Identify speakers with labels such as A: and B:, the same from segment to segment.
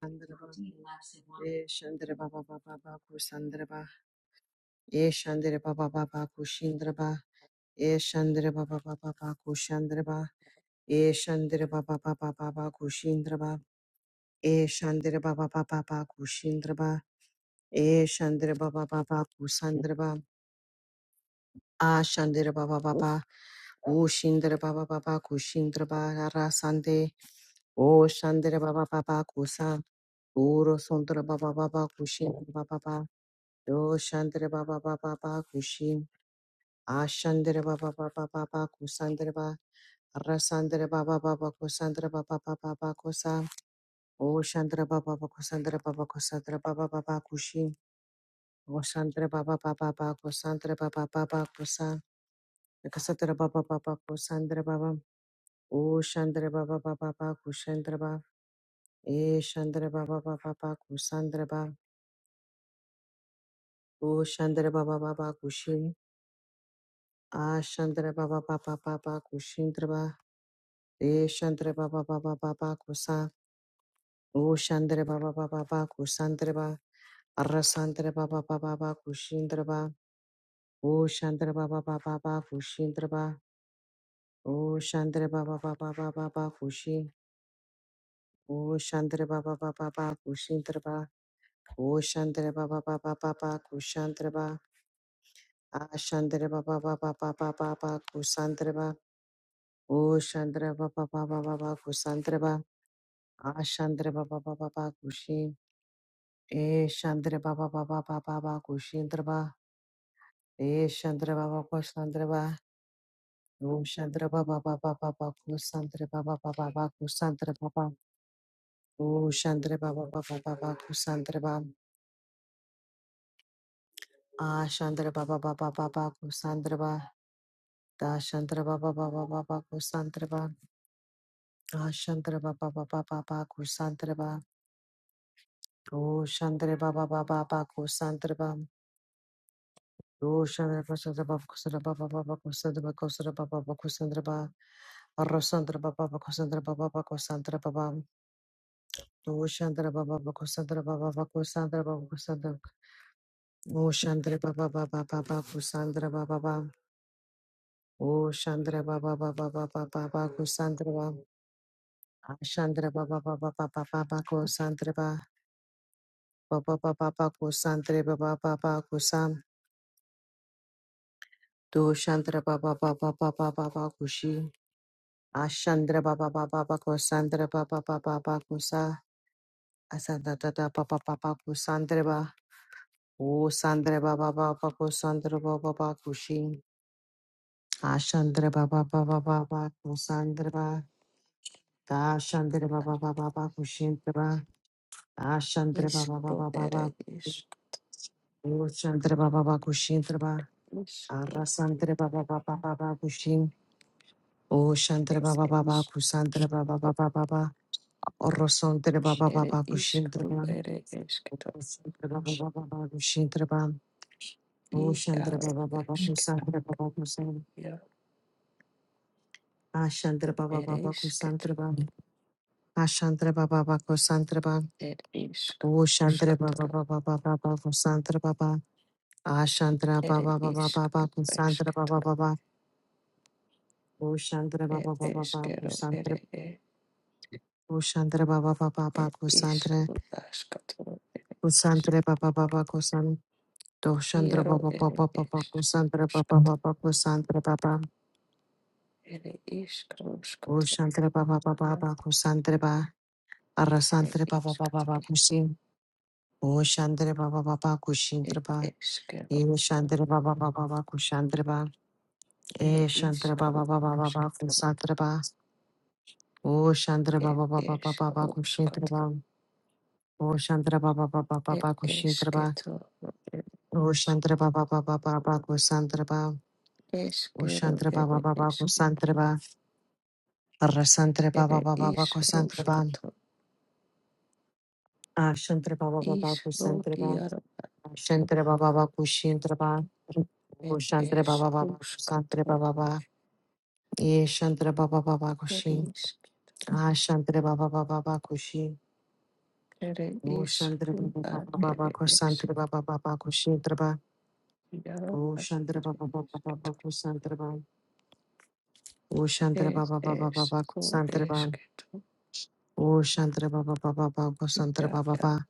A: Shandaraba, eh, Shandaraba ba ba ba ba eh, Shandaraba ba ba ba ku eh, Shandaraba ba ba ba ba Shandaraba, eh, Shandaraba ba ba ba ba ba ku Shindaraba, eh, Shandaraba ba ba ba ba eh, Shandaraba ba ba ba ku ah, Shandaraba ba ba ba, oh, Shindaraba ba ba ba ku Sande, oh, Shandaraba ba ba ba ku San, Uro Sandaraba ba ba ba ku Do Shandra Baba Baba Bakushin. Ashandra Baba Baba Baba Kusandra Ba. Rasandra Baba Baba Kusandra Baba Baba Bakusa. O Shandra Baba Bakusandra Baba Kusandra Baba Baba Kushin. O Shandra Baba Baba Bakusandra Baba Baba Kusa. Kasatra Baba Baba Kusandra Baba. O Shandra Baba Baba Bakushandra Ba. E Shandra Baba Baba Bakusandra Ba. O Shandra Baba Baba Kushin. Ashandra Baba Baba Baba Kushindra E Shandre Baba Baba Baba Kusa. O Shandre Baba Baba Baba Kusandre Ba. Arasandre Baba Baba Baba Kushindre Ba. O Shandre Baba Baba Baba Kushindre Ba. O Shandre Baba Baba Baba Baba Kushi. O Shandre Baba Baba Baba Kushindre Ba. O Shandre Baba Baba Baba Kushandre Ba. A Shandre Baba Baba Baba Baba Kusandre Ba. O Shandre Baba Baba Baba Kusandre Ba. A Shandre Baba Baba Baba Kushi. E Shandra Baba Baba Baba Baba Kushindra Ba E Shandra Baba Kusandra Ba O Shandra Baba Baba Baba Kusandra Baba Baba Baba Kusandra Baba O Shandra Baba Baba Baba Kusandra Ba A Shandra Baba Baba Baba Kusandra Ba Da Shandra Baba Baba Baba Kusandra Ba A Shandra Baba Baba Baba Kusandra Ba O Shandra Baba Baba Baba Kusandra Ba O Shandra Baba Baba Kusandra Baba Baba Kusandra Ba Kusandra Baba Baba Kusandra Ba Arrasandra baba bakosandra baba bakosandra baba. Ushandra baba bakosandra baba bakosandra baba bakosandra. Ushandra baba baba baba kusandra baba baba. Ushandra baba baba baba baba kusandra baba. Ashandra baba baba baba baba kusandra baba. Baba baba baba kusandra baba baba kusam. Dushandra baba baba baba baba kushi. Ashandra baba baba baba kusandra baba baba baba kusa. Asandra baba baba baba kusandra O Sandra Baba Baba Ko Sandra Baba Baba Kushi Ashandra Baba Baba Baba Ko Sandra Ba Da Shandra Baba Baba Baba Kushindra Ba Da Shandra Baba
B: Iskro
A: Baba
B: ere
A: Baba
B: isk
A: O Shandra Baba Baba Kushindra Ba
B: isk
A: Ara Sandra Baba Baba Baba Kushin O Shandra Baba
B: ere
A: Baba
B: isk
A: Kusandra Baba Baba Baba Oro Sandra Baba
B: ere
A: Baba Kushindra
B: iskro
A: Ba
B: ere esketosh
A: Sandra Baba Baba Kushindra Ba O
B: i
A: Shandra
B: aro
A: Baba Baba
B: esketoya
A: Kusandra Baba Ashantra Baba
B: ere
A: Baba
B: isketro
A: Kusantraba. Ashantra Baba Baba Kusantraba.
B: ere isk
A: O Shantra Baba
B: uskatoro
A: Baba Baba Baba Kusantra Baba. Ashantra
B: ere
A: Baba Baba
B: iskro
A: Baba Kusantra Baba
B: esketoro
A: Baba. O Shantra
B: ere
A: Baba Baba Baba
B: eskero ere
A: Kusantra.
B: e
A: O Shantra Baba Baba Baba
B: ere
A: Kusantra.
B: iskro askatoro ere
A: Kusantra
B: isk
A: Baba Baba Kusan. Do Shantra
B: iaro
A: Baba
B: ere
A: Baba Baba
B: isk
A: Kusantra Baba
B: uskatoro
A: Baba Kusantra Baba.
B: ere iskro
A: O
B: uskatoro
A: Shantra Baba Baba Baba Kusantra Baba.
B: ere
A: Arasantra Baba Baba Baba
B: iskatoro
A: Kusin. O Shantra Baba Baba
B: ere
A: Kushintra
B: eskero
A: Eve Shandra Baba Baba Baku Shandra Ba.
B: Ere
A: E Shandra
B: iškaro
A: Baba Baba Baba
B: iškitaro,
A: Kusandra Ba. O Shandra
B: ere
A: Baba Baba Baba
B: iškaro
A: Baku Shandra
B: iškataro,
A: Ba. O Shandra Baba Baba
B: ere
A: Baba Kushandra Ba.
B: iškitaro, ere
A: O Shandra Baba Baba Baba Kusandra Ba. O
B: iškero,
A: Shandra Baba
B: ere
A: Baba
B: iški,
A: Kusandra Ba. Rasandra
B: ere
A: Baba Baba Baku
B: iškaro
A: Sandra Ba.
B: iškataro,
A: A Shandra Baba Baba
B: iškaro
A: Kusandra Ba.
B: diaro,
A: A Shandra Baba Baku Shandra Ba.
B: ere
A: O Shandra Baba
B: iškaro
A: Baba Kusandra
B: iškataro,
A: Baba Ba. E Shandra Baba Baba
B: ere
A: Kushin.
B: iški,
A: Ah, Shantre Baba Baba Baba Kushi.
B: ere
A: Oh, Shantre Baba
B: iškaro,
A: Baba Baba
B: ere iški,
A: Kusantre Baba Baba Kushi Traba.
B: diaro,
A: Oh,
B: ere
A: Shantre Baba
B: iškitaro,
A: Baba Baba Kusantre Baba. Oh, Shantre
B: ere
A: Baba Baba Baba
B: iškaro
A: Kusantre Baba.
B: iškitaro,
A: Oh, Shantre Baba Baba Baba
B: ia,
A: Kusantre Baba
B: ia,
A: Baba.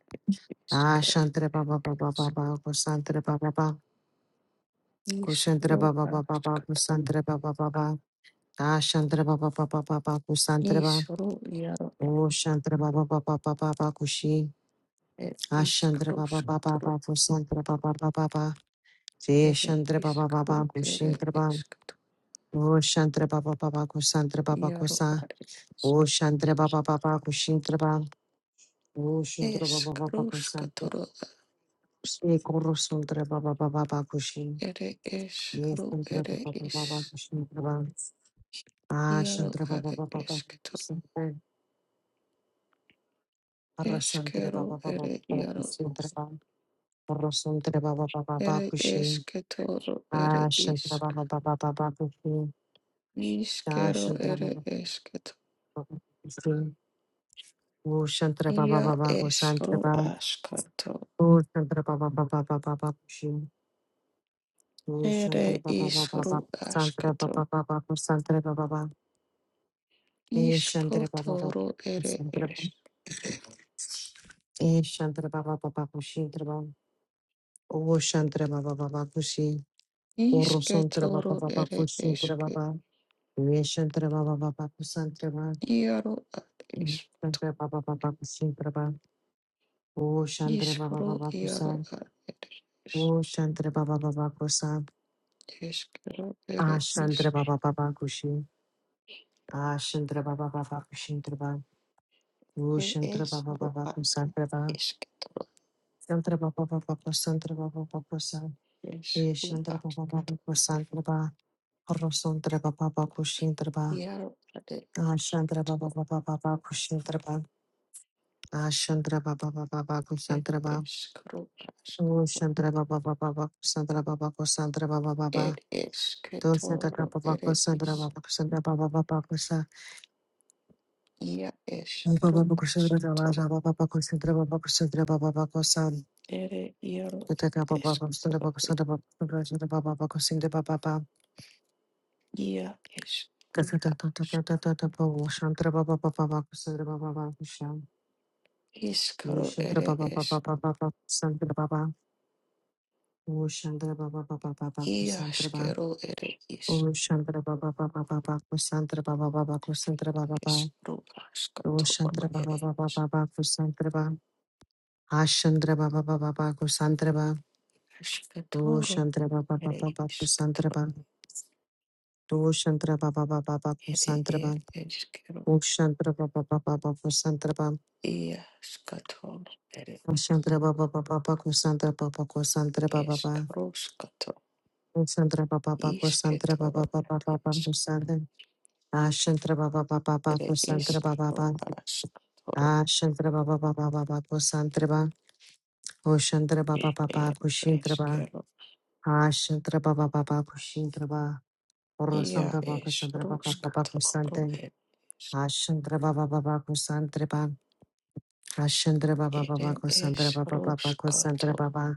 A: Ah,
B: iškero,
A: Shantre Baba Baba Baba Kusantre Baba Baba. Kushantre Baba Baba Baba
B: iškitaro,
A: Kusantre Baba Baba. Ah, Shantre Baba Baba Baba Kusantre Baba.
B: Ishuru yaro
A: Oh, Shantre Baba Baba Baba Kushi.
B: ere
A: Ah, Shantre Baba Baba
B: ishkarushkatoro
A: Baba Kusantre Baba Baba. Ba. Jai
B: ere
A: Shantre Baba Baba
B: ishkaru ere
A: Kushintra Baba
B: ishkatu
A: O Shantre Baba Baba Kusantra Baba
B: yaro
A: Kusa
B: are ishk.
A: O Shantre Baba Baba Kushintra Baba O Shantre Baba Baba Kusantra
B: Ishkarushkatoro as-
A: Ekoro Suntra Baba Baba Baba Kushin
B: ere
A: Yes
B: ishru
A: Shantre
B: ere
A: Baba Baba Baba
B: ish
A: Kushintra Baba Ah
B: yaro
A: Shantre Baba
B: are
A: Baba Baba
B: ishkatoro
A: Kusantra Arasantra Baba
B: ishkero
A: Baba
B: ere
A: Baba
B: yaro
A: Kusantra Baba Orosantra Baba Baba Baba
B: ere
A: Kushin
B: ishkatoro ere
A: Ah Shantre
B: ishk
A: Baba Baba Baba Kushin Ah
B: ishkero
A: Shantre
B: ere
A: Baba
B: ishkatu
A: Baba Kushin O Shantara Baba
B: ya
A: Baba O Shantara
B: ishru
A: Baba
B: ashkato
A: O Shantara Baba Baba Baba Baba Shi O Shantara
B: ere
A: Baba Baba Baba
B: ishru ashkato
A: Shantara Baba Baba O Shantara Baba Baba
B: Ishkotoro
A: E Shantara Baba Baba
B: ere
A: Shantara Baba
B: esk.
A: E Shantara Baba Baba O Shantara Baba O Shantara Baba Baba O Shi O Shantara
B: Ishketoro
A: Baba Baba O
B: ere
A: Shantara
B: eske.
A: Baba E Shantara Baba Baba O Shantara Baba
B: Iaro ad
A: E
B: esk.
A: Shantara Baba Baba O Shantara Baba O Shantara Baba
B: Ishro
A: Baba
B: iaro ad ere
A: O
B: esk.
A: Shantara Baba Baba O Shantara Baba Baba O Shantara
B: Eskero ere
A: Ashantra
B: isk.
A: Baba Baba Kushi. Ashantra Baba Baba Kushintra Baba.
B: E
A: Ushantra Baba
B: esro
A: Baba
B: ad
A: Kusantra Baba.
B: isketoro
A: Santra Baba Baba Kusantra Baba Baba Kusan.
B: eskru
A: Eshantra
B: ad.
A: Baba Baba Kusantra Baba. Rosantra Baba Baba Kushintra Baba.
B: Iaro ad
A: Ashantra Baba
B: esketo.
A: Baba Baba Kushintra Baba. Ashantra Baba Baba Baba
B: E
A: Kusantra Baba.
B: eskru asketo.
A: Ushantra Baba Baba Baba Kusantra Baba Kusantra Baba
B: Er
A: Baba. Dosantra
B: esketoro
A: Baba Baba
B: ere
A: Kusantra Baba
B: isk.
A: Kusantra Baba Baba Kusa.
B: Ia esru
A: Baba Bakushadra
B: asketoro.
A: Raja Baba Bakushadra Baba Bakushadra Baba Bakusan
B: Ere iaro
A: Tata
B: ad
A: Baba Bakushadra
B: esketoro.
A: Bakushadra Bakushadra Baba Bakushadra Baba Baba
B: Ia es
A: Tata Tata Tata Tata Baba Shantra Baba Baba Bakushadra Baba Bakusham
B: iskaro
A: Yushantra
B: ere
A: Baba Baba
B: es
A: Baba Bakushadra Baba Ushantra Baba Baba Baba Kusantra Baba
B: iaskero ere is
A: Ushantra Baba Baba Baba Kusantra Baba Baba Kusantra Baba Baba
B: eskru askatoro
A: Ushantra Baba
B: ere
A: Baba
B: is
A: Baba Kusantra Baba Ashantra Baba Baba Baba Kusantra Do
B: askatoro
A: Shantra Baba
B: ere
A: Baba Babu
B: iskatoro
A: Santraba. Do Shantra Baba Baba Babu
B: ere e
A: Santraba.
B: eskero
A: O Shantra Baba Baba Babu Santraba.
B: iaskatoro ere
A: O Shantra Baba Baba Babu Santra Baba Ko Santra Baba Baba.
B: eskro skato
A: O Shantra Baba Babu Santra Baba
B: isketoro
A: Baba
B: ere
A: Baba
B: is
A: Ko Santra. A Shantra Baba Baba
B: ere
A: Babu Santra Baba
B: iskro
A: Baba.
B: askatoro
A: A Shantra Baba Baba Baba Ko Santra Baba. O Shantra Baba
B: e
A: Baba Ko
B: ere
A: Shintra Baba.
B: eskero
A: A Shantra Baba Baba Ko Baba. O
B: ia
A: Shantra Baba
B: es
A: Santra Baba Baba
B: ruskatoro
A: Santra.
B: ere
A: Ashandra Baba Baba Kusantra Baba Ashandra Baba Baba
B: Ere
A: Kusantra Baba Baba Kusantra
B: eskato,
A: Baba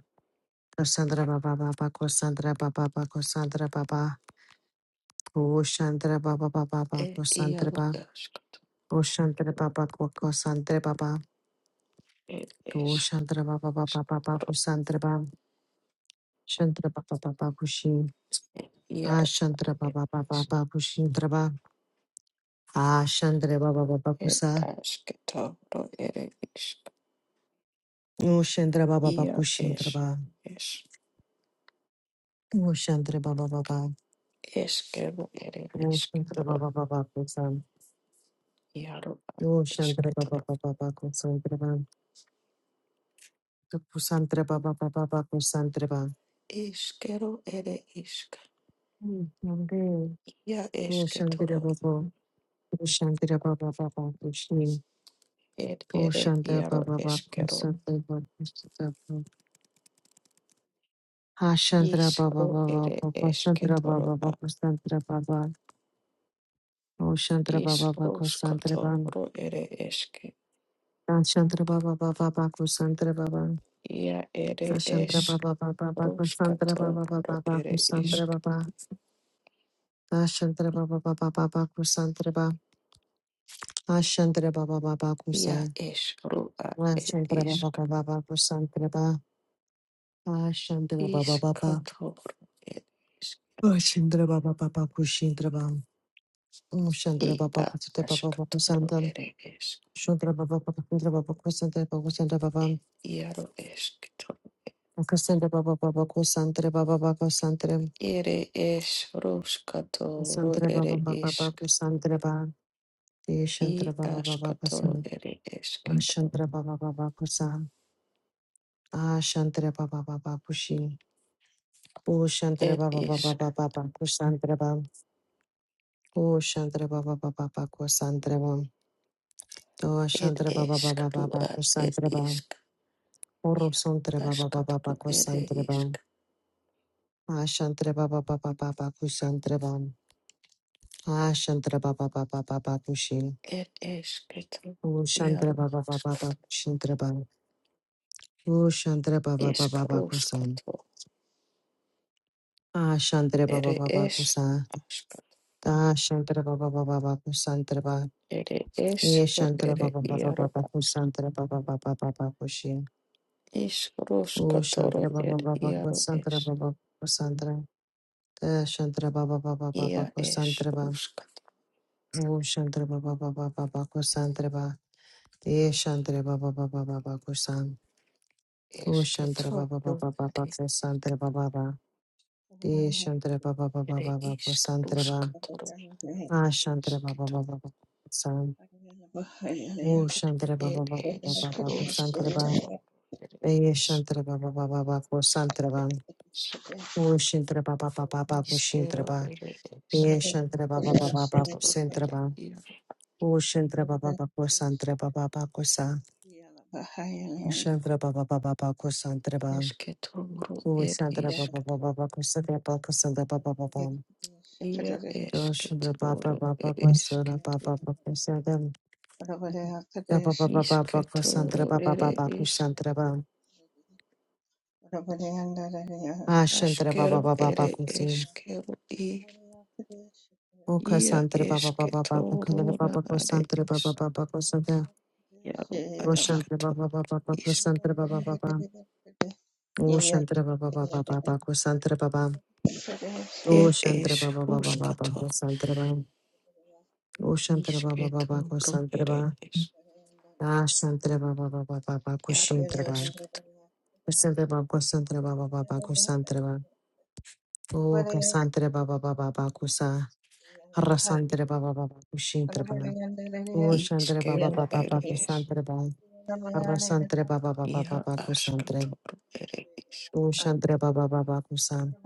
A: Kusantra Baba Baba Kusantra Baba Baba Kusantra Baba Kushantra Baba Baba Baba
B: ed
A: Kusantra
B: iaru
A: Baba
B: eskato,
A: Kushantra Baba
B: ed
A: Kusantra Baba Kushantra Baba Baba Baba
B: eskatoro,
A: Kusantra Baba Shantra Baba Baba Kushi
B: iaru
A: Ashantra
B: ed
A: Baba Baba
B: es,
A: Baba Kushintra Baba Ashantra Baba Baba
B: ed
A: Kusa
B: askatoro, ere isk,
A: Ushantra Baba Baba
B: ia
A: Kushintra
B: es,
A: Baba
B: es,
A: Ushantra Baba Baba
B: eskero ere
A: Santra
B: iskatoro,
A: Baba Baba Kusan.
B: iaru a
A: Yo Shantra Baba
B: eskatoro,
A: Baba Baba Kusan Treban. Kusantra Baba Baba Baba Kusan Treban.
B: iskero ere isk,
A: Nande.
B: ia
A: Yo Shantra
B: eskatoro,
A: Baba. Yo Shantra Baba Baba Kushni.
B: ed
A: Yo
B: ere
A: Shantra
B: iaru
A: Baba Baba
B: eskero,
A: Kusantra Baba Kusantra Baba. Ha Shantra Baba
B: isro
A: Baba
B: ere
A: Baba Kusantra Baba
B: eskatoro a,
A: Baba Kusantra Baba. Yo Shantra Baba Baba
B: isro
A: Kusantra Baba.
B: skatoro ere esk.
A: Ha Shantra Baba Baba Baba Kusantra Baba.
B: Ia ere
A: Shantra
B: es
A: Baba Baba Baba Kusantra Baba
B: ruskato
A: Baba
B: ro
A: Baba
B: ere
A: Kusantra
B: isk.
A: Baba Ashantra Baba Baba Baba Kusantraba Ashantra Baba Baba
B: Ia
A: Kusan
B: es ro ed
A: Ashantra Baba
B: isk.
A: Baba Kusantraba Ashantra Baba Baba
B: Iskato ro ed isk.
A: Ashantra Baba Baba Kushintraba Ashantra Baba
B: Ia
A: Kusantra Baba
B: askato ro
A: Kusantam
B: ere isk.
A: Shantra Baba Kusantra Baba Kusantra Baba
B: Ia ro eskito.
A: Kusantra Baba Kusantra Baba Kusantre Baba Kusantra Baba Kusantre
B: Ere es ruskato ro
A: Baba Kusantra Kusantra Baba Kusantre.
B: ere
A: Kusantre Baba Baba
B: isk.
A: Kusantra Baba
B: I
A: Shantra Baba Baba
B: askato ro
A: Kusan
B: ere eskito.
A: Ashantra Baba Baba Kusan Ashantra Baba Baba Kushi O Shantra
B: Ed
A: Baba Baba
B: isk.
A: Baba Kusantra Bam. O Shantra Baba Baba Baba Kusantra Bam. O
B: Ed
A: Shantra Baba
B: isk
A: Baba
B: ro
A: Baba
B: ed
A: Kusantra Bam.
B: isk.
A: O
B: Ia
A: Rosantra Baba Baba
B: askato
A: Baba
B: ro ere
A: Kusantra
B: isk.
A: Bam. A Shantra Baba Baba Baba Kusantra Bam. A Shantra Baba Baba Baba Kushin.
B: It is kettle
A: O Shantra
B: yellow
A: Baba Baba Baba Kushintra Bam. O Shantra Baba
B: is
A: Baba Baba Kusan.
B: karuskato.
A: A Shantra Baba
B: It
A: Baba
B: is
A: Kusan.
B: aska.
A: Da Shantra Baba Baba Baba Kusantra Bam.
B: It is
A: Ye
B: ro
A: Shantara
B: ere
A: Baba Baba
B: iaro
A: Baba
B: as
A: Kusantara Baba Baba Baba Kushi.
B: is
A: O Shantara
B: ruskatoro
A: Baba
B: it
A: Baba
B: yellow
A: Kusantara
B: is.
A: Baba Kusantara. Eh, Shantara Baba Baba Baba
B: Ia is
A: Kusantara Baba.
B: ruskato
A: O Shantara Baba Baba Baba Kusantara Baba. Ye Shantara Baba Baba Baba Kusan. O
B: is
A: Shantara Baba
B: ketoro
A: Baba Baba
B: ere
A: Kusantara Baba Baba. Ye Shantara Baba Baba
B: it
A: Baba
B: is
A: Kusantara Baba.
B: karuskatoro
A: Ah
B: is
A: Shantara Baba
B: keto.
A: Baba Baba Kusan. O Shantara Baba
B: It
A: Baba
B: is
A: Baba Baba Kusantara
B: ruskato ere
A: Eye shantra ba ba ba ba ba ko santra ba.
B: it is
A: O shantra ba ba ba ba ba ko shantra
B: iskero
A: ba.
B: ere it is
A: Eye shantra ba ba ba ba ba ko
B: ruskatoro
A: santra
B: ere
A: ba.
B: yellow.
A: O shantra ba ba ba ko santra ba ba ba ko sa. O
C: Bahayalanda.
A: shantra ba ba ba ba ba ko santra ba.
B: Esketoro
A: O
B: ed
A: shantra ba
B: isk
A: ba ba ba ba ko santra ba ko santra ba ba ba ba.
B: ia
A: O shantra ba ba
B: esketoro
A: ba ba
B: ed
A: ko santra
B: isk
A: ba ba ba ko santra ba ba ba ba ba ko santra
B: isketoro
A: ba ba ba
B: ere
A: ba ko
B: isk
A: santra ba. Ah shantra ba ba
B: askero
A: ba ba ba
B: ere
A: ko santra.
B: eskero i
A: Oka
B: ia
A: Santre Baba Baba Baba Kala
B: esketoro na
A: Baba Ko
B: are
A: Santre
B: is
A: Baba Baba Ko Santre
B: iaro
A: O Shantre
B: asketo
A: Baba Baba Baba Ko
B: isk
A: Santre Baba Baba O Shantre Baba Baba Baba Ko Santre Baba O
B: ed
A: Shantre
B: es
A: Baba Baba Baba
B: ruskato
A: Ko Santre Baba O Shantre Baba Baba Ko
B: isketoro
A: Santre
B: ere
A: Baba
B: is
A: Da Shantre Baba Baba Baba Ko
B: iaro
A: Shantre Baba
B: asketo
A: Ko Santre Baba Ko Santre Baba Baba Ko Santre Baba O Ka Santre Baba Baba Baba Ko Sa Har Santre Baba Baba Ko Shantre Baba O Shantre Baba
B: iskero
A: Baba
B: ere
A: Baba Ko
B: is
A: Santre Baba Arrasantre
C: Yeah.
A: baba baba
B: ia
A: baba kusantre.
B: asketoro ere is
A: Dushantre baba baba kusan.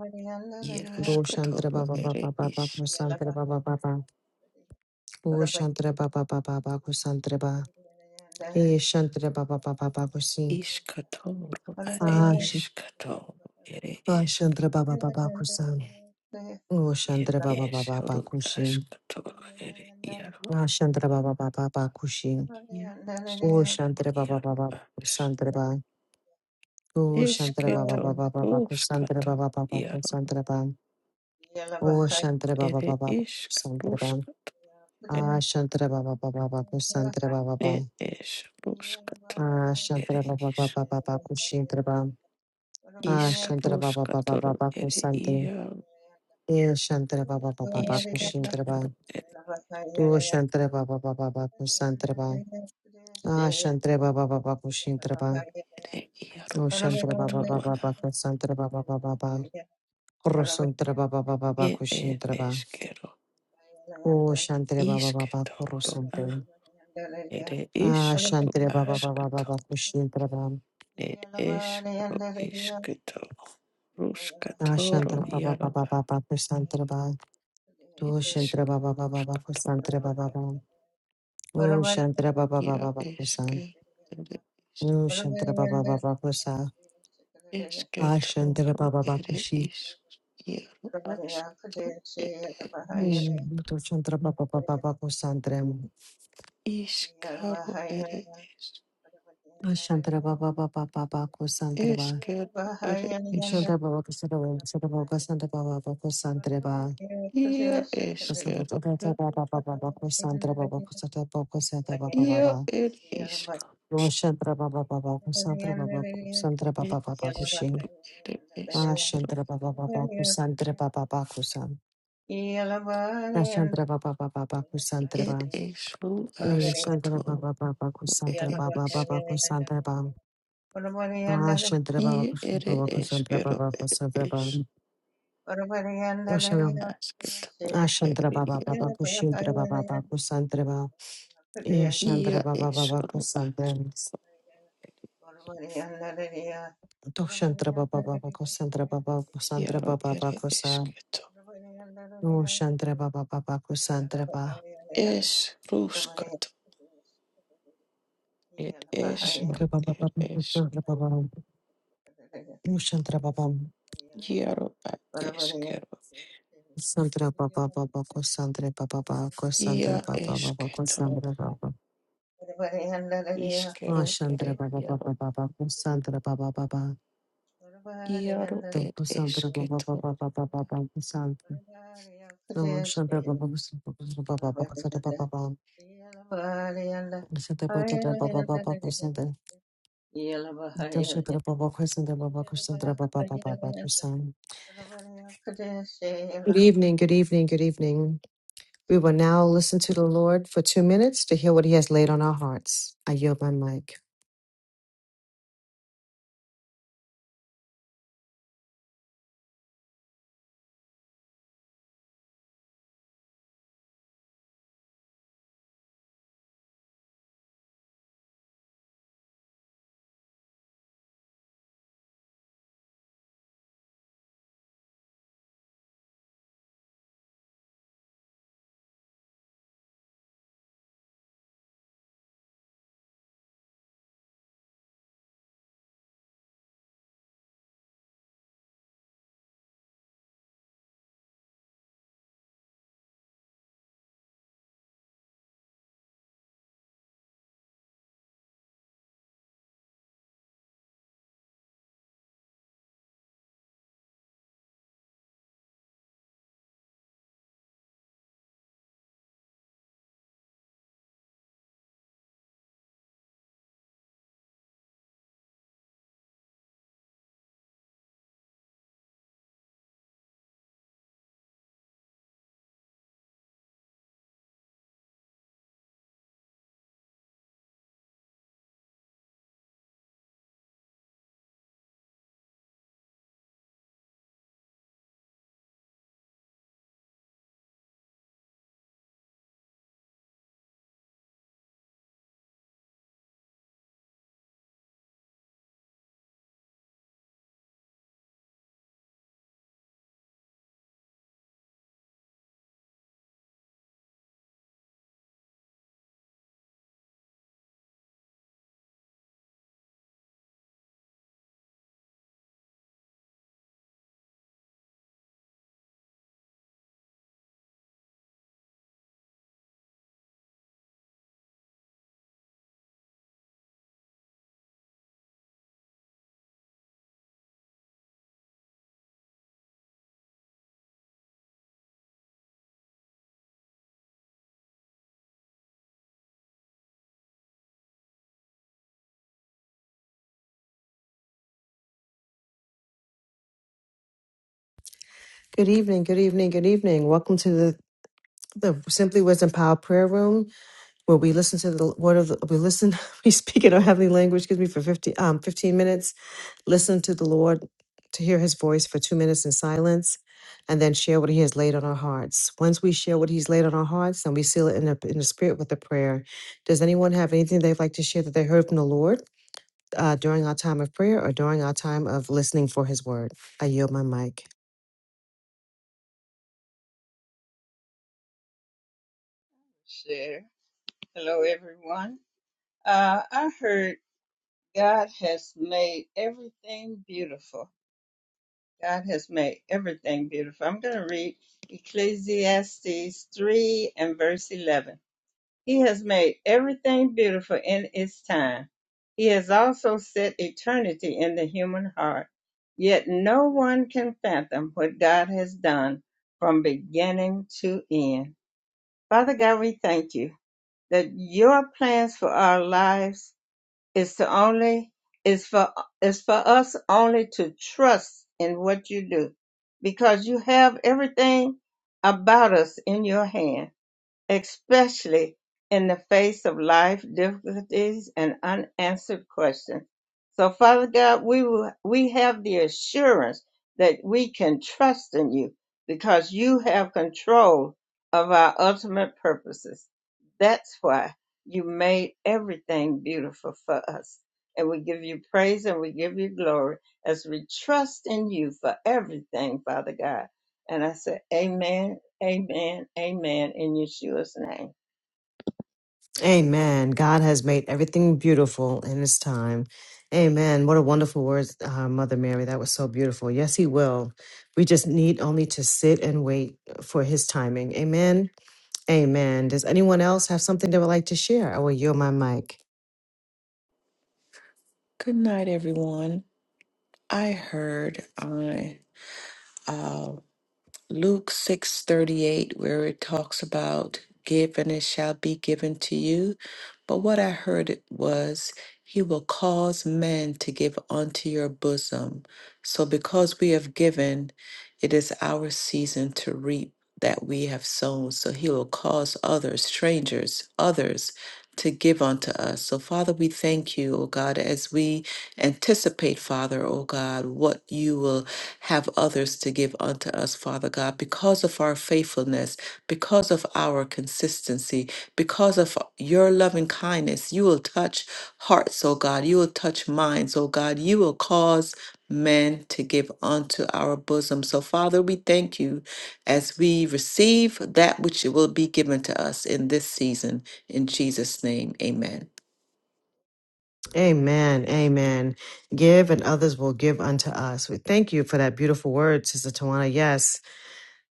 B: ia
A: Dushantre
B: asketoro
A: baba baba
B: ere
A: baba
B: is
A: kusantre baba baba. Dushantre baba baba baba kusantre ba. Eshantre baba baba baba kusin.
B: Ishkatoro are
A: Ash.
B: ishkatoro ere ishk
A: Ashantre baba baba kusan.
B: ere
A: Oshantre baba baba
B: eshoro
A: baba kushin.
B: ashkatoro ere iaro
A: Ashantre baba baba baba kushin.
B: iaro ishkatoro
A: Oshantre baba
B: iaro
A: baba baba
B: ash
A: kusantre ba. Dushantre baba
B: ishkatoro
A: baba baba kusantre baba
B: rushkatoro
A: baba
B: iaro
A: kusantre ba. Oshantre baba
B: ere
A: baba baba
B: ishk
A: Santraba.
B: rushkatoro
C: Yeah.
A: Ah, Shantara Baba Baba
C: Yeah.
A: Baku Santara Baba Baba.
B: ere esh rushkatoro
A: Ah,
B: ere
A: Shantara Baba
B: ishk
A: Baba Baba Kushintara Baba. Ah,
B: ishk
A: Shantara Baba Baba
B: rushkatoro
A: Baba
B: ere
A: Kusante.
B: iaro
A: Eh, Shantara Baba Baba Baba Kushintara
B: ishkatoro
A: Baba.
B: ere
A: Tu Shantara Baba Baba Baba Kusantara Baba. Ah, Shantara Baba Baba Kushintara Baba.
B: ere iaro
A: Tu Shantara Baba
B: ashkatoro
A: Baba Baba Kusantara Baba Baba Baba. Kurusantara Baba Baba Baba
B: ere
A: Kushintara Baba.
B: eshkero
A: Oh, Shantara Baba Baba
B: Ishkatoro a
A: Kurusante.
B: ere
A: Ah,
B: ishkaru
A: Shantara Baba Baba
B: askato
A: Baba Kushintara Baba.
B: ed ishkaru ishkatoro
C: Yeah,
B: rushkatoro
A: Dashantra Baba
B: yaro
A: Baba
B: a
A: Baba Prasantra Baba tu Shantra Baba Baba Baba
B: ishkatoro
A: Prasantra Baba Baba O Shantra Baba Baba
B: yaro
A: Baba
B: ishke
A: Prasan
B: ere ishk
A: O Shantra Baba Baba Prasa Ashantra
B: ishkatoro
A: Baba Baba
B: ere
A: Kushi
B: ishk yaro ashkato ere ishk
A: O Do Shantra Baba Baba Baba Prasantra
B: ishkaru ere ishk
A: Ashantra Baba Baba Baba Baba Prasantra Baba
B: ishkaru ere ishk
A: Shantra Baba Prasara Baba Prasara Baba Prasanta Baba Baba Prasantra Baba
B: ia ishkaru
A: Prasanta Baba Baba
C: Yeah.
A: Baba Prasantra Baba Prasanta Baba Prasanta Baba
B: ia
A: Baba
B: ed ishkaru
A: Roshantra Baba Baba Kusantra Baba Kusantra
B: It
A: Baba Baba
B: is
A: Kushin
B: good. It is good.
A: Ashantra Baba Baba Kusantra Baba Baba Kusan Ashantra Baba Baba Kusantra
B: It
A: Baba
B: is who asked.
A: Ashantra Baba Baba Kusantra
B: It
A: Baba
B: is.
A: Baba Kusantra Baba Ashantra Baba
B: Ie it is
A: Kusantra
B: good.
A: Baba
B: It
A: Kusantra Baba Kusantra
B: is
A: Baba Ashantra
B: asked. It
A: Ashantra Baba
B: is.
A: Baba Kushintra Baba Baba Kusantra Baba Yashantra
B: Ia
A: Baba
B: is
A: Baba
B: ru
C: Yeah.
A: Kusantra Doshantra Baba Baba Kusantra Baba
B: Ia
A: Kusantra Baba
B: it is
A: Baba
B: good.
A: Oh, Shantra Baba Baba Kusantra Ba.
B: Es ruskat. It is
A: Shantra Baba
B: It
A: Baba
B: is.
A: Kusantra Baba. Oh, Shantra Baba.
B: Iaro is good.
A: Santra Baba Baba Kusantra Baba Baba Kusantra
B: Ia
A: Baba
B: is
A: Baba Kusantra Baba. Oh,
B: Iskero
A: Shantra
B: ere
A: Baba
B: iaro.
A: Baba Baba Kusantra Baba Baba.
C: Everybody and
B: Iaro
C: the
A: The
B: it is
A: Kusantra
C: field.
B: good.
A: Baba Baba Baba Baba Kusantra.
C: everybody else
A: Oh,
C: is
A: Shantra
C: dead.
A: Baba Kusantra Baba Baba
C: everybody and
A: Kusantra Baba
C: the
A: Baba.
C: field. everybody and the
A: Kusantra Baba Baba Baba Kusantra. Kusantra Baba Kusantra Baba Kusantra Baba Baba Kusantra.
C: everybody and
A: Good
C: the
A: evening, good evening, good evening. We will now listen to the Lord for two minutes to hear what He has laid on our hearts. I yield my mic. Good evening, good evening, good evening. Welcome to the the Simply Wisdom Power Prayer Room, where we listen to the word of the, we listen, we speak in our heavenly language, excuse me, for 50, um, 15 minutes, listen to the Lord to hear his voice for two minutes in silence, and then share what he has laid on our hearts. Once we share what he's laid on our hearts, then we seal it in the, in the spirit with a prayer. Does anyone have anything they'd like to share that they heard from the Lord? uh, during our time of prayer or during our time of listening for his word. I yield my mic.
C: Share. Hello, everyone. Uh, I heard God has made everything beautiful. God has made everything beautiful. I'm going to read Ecclesiastes 3 and verse 11. He has made everything beautiful in its time. He has also set eternity in the human heart. Yet no one can fathom what God has done from beginning to end. Father God, we thank you that your plans for our lives is to only is for is for us only to trust in what you do because you have everything about us in your hand especially in the face of life difficulties and unanswered questions. So, Father God, we will, we have the assurance that we can trust in you because you have control of our ultimate purposes. That's why you made everything beautiful for us. And we give you praise and we give you glory as we trust in you for everything, Father God. And I say, Amen Amen. Amen. In Yeshua's name.
A: Amen. God has made everything beautiful in his time. Amen. What a wonderful word, uh, Mother Mary. That was so beautiful. Yes, he will. We just need only to sit and wait for his timing. Amen. Amen. Does anyone else have something they would like to share? I will yield my mic.
B: Good night, everyone. I heard on uh, Luke six thirty eight where it talks about give and it shall be given to you. But what I heard it was he will cause men to give unto your bosom. So because we have given, it is our season to reap that we have sown. So he will cause others, strangers, others to give unto us. So Father, we thank you, O God, as we Anticipate, Father, O God, what you will have others to give unto us, Father God, because of our faithfulness, because of our consistency, because of your loving kindness. You will touch hearts, O God. You will touch minds, O God. You will cause men to give unto our bosom. So, Father, we thank you as we receive that which will be given to us in this season. In Jesus' name, amen.
A: Amen. Amen. Give and others will give unto us. We thank you for that beautiful word, Sister Tawana. Yes.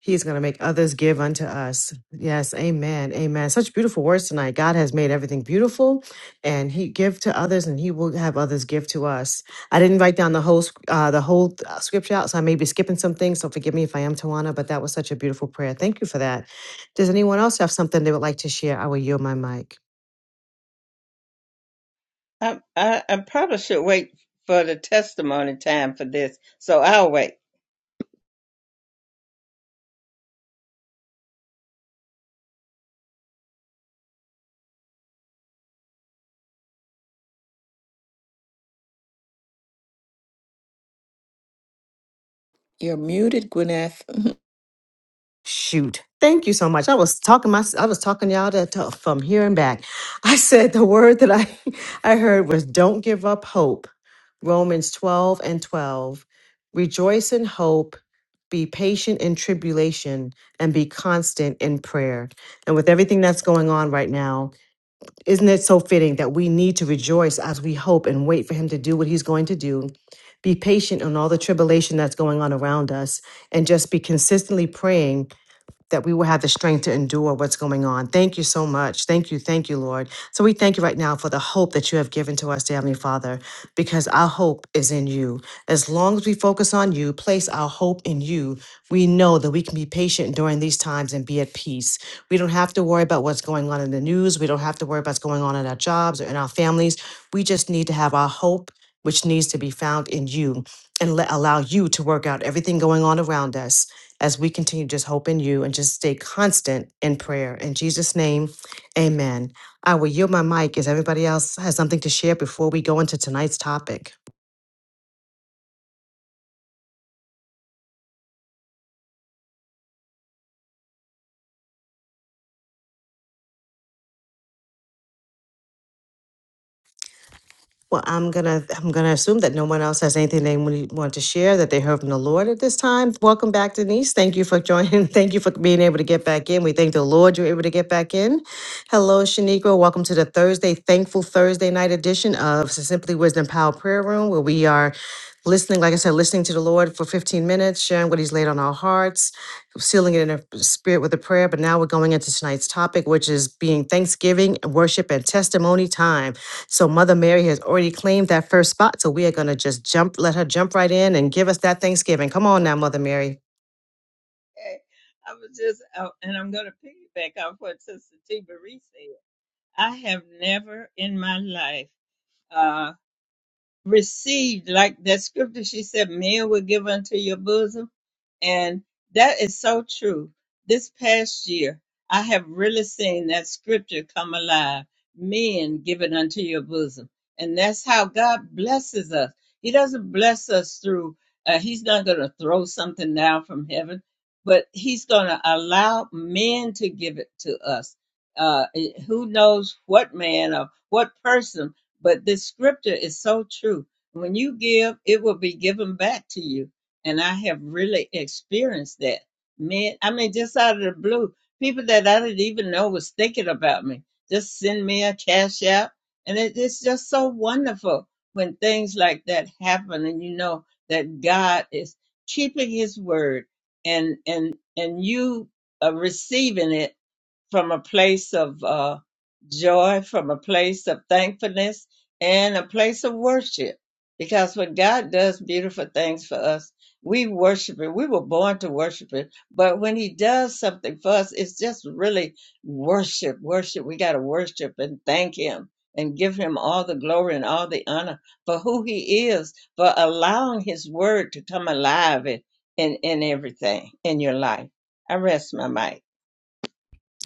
A: He is going to make others give unto us. Yes, amen. Amen. Such beautiful words tonight. God has made everything beautiful and he give to others and he will have others give to us. I didn't write down the whole sc- uh, the whole uh, scripture out, so I may be skipping some things, so forgive me if I am Tawana, but that was such a beautiful prayer. Thank you for that. Does anyone else have something they would like to share? I will yield my mic.
C: I, I, I probably should wait for the testimony time for this, so I'll wait.
B: You're muted, Gwyneth.
A: Shoot. Thank you so much. I was talking my I was talking y'all to, to- from here and back. I said the word that I I heard was don't give up hope Romans 12 and 12. Rejoice in hope, be patient in tribulation, and be constant in prayer. And with everything that's going on right now, isn't it so fitting that we need to rejoice as we hope and wait for Him to do what He's going to do? Be patient on all the tribulation that's going on around us and just be consistently praying that we will have the strength to endure what's going on. Thank you so much. Thank you. Thank you, Lord. So we thank you right now for the hope that you have given to us, dear Heavenly Father, because our hope is in you. As long as we focus on you, place our hope in you, we know that we can be patient during these times and be at peace. We don't have to worry about what's going on in the news. We don't have to worry about what's going on in our jobs or in our families. We just need to have our hope, which needs to be found in you, and let, allow you to work out everything going on around us as we continue to just hope in you and just stay constant in prayer. In Jesus' name, amen. I will yield my mic as everybody else has something to share before we go into tonight's topic. Well, I'm gonna I'm gonna assume that no one else has anything they wanna- want to share that they heard from the Lord at this time. Welcome back, Denise. Thank you for joining. Thank you for being able to get back in. We thank the Lord you're able to get back in. Hello, Shaniqua. Welcome to the Thursday Thankful Thursday night edition of Simply Wisdom Power Prayer Room, where we are listening, like I said, listening to the Lord for 15 minutes, sharing what He's laid on our hearts, sealing it in a spirit with a prayer. But now we're going into tonight's topic, which is being Thanksgiving, worship, and testimony time. So Mother Mary has already claimed that first spot. So we are going to just jump, let her jump right in and give us that Thanksgiving. Come on now, Mother Mary.
C: Okay. I was just, oh, and I'm going to piggyback off what Sister T. Marie said. I have never in my life uh, received, like that scripture she said, men will give unto your bosom. And that is so true. This past year, I have really seen that scripture come alive. Men give it unto your bosom. And that's how God blesses us. He doesn't bless us through, uh, He's not going to throw something down from heaven, but He's going to allow men to give it to us. Uh, eh, who knows what man or what person? But this scripture is so true. When you give, it will be given back to you. And I have really experienced that. Man, I mean, just out of the blue, people that I didn't even know was thinking about me just send me a cash app. And it, it's just so wonderful when things like that happen and you know that God is keeping his word and, and, and you are receiving it from a place of uh, joy, from a place of thankfulness, and a place of worship. Because when God does beautiful things for us, we worship it. We were born to worship it. But when He does something for us, it's just really worship, worship. We got to worship and thank Him and give Him all the glory and all the honor for who He is, for allowing His word to come alive in, in, in everything in your life. I rest my mic.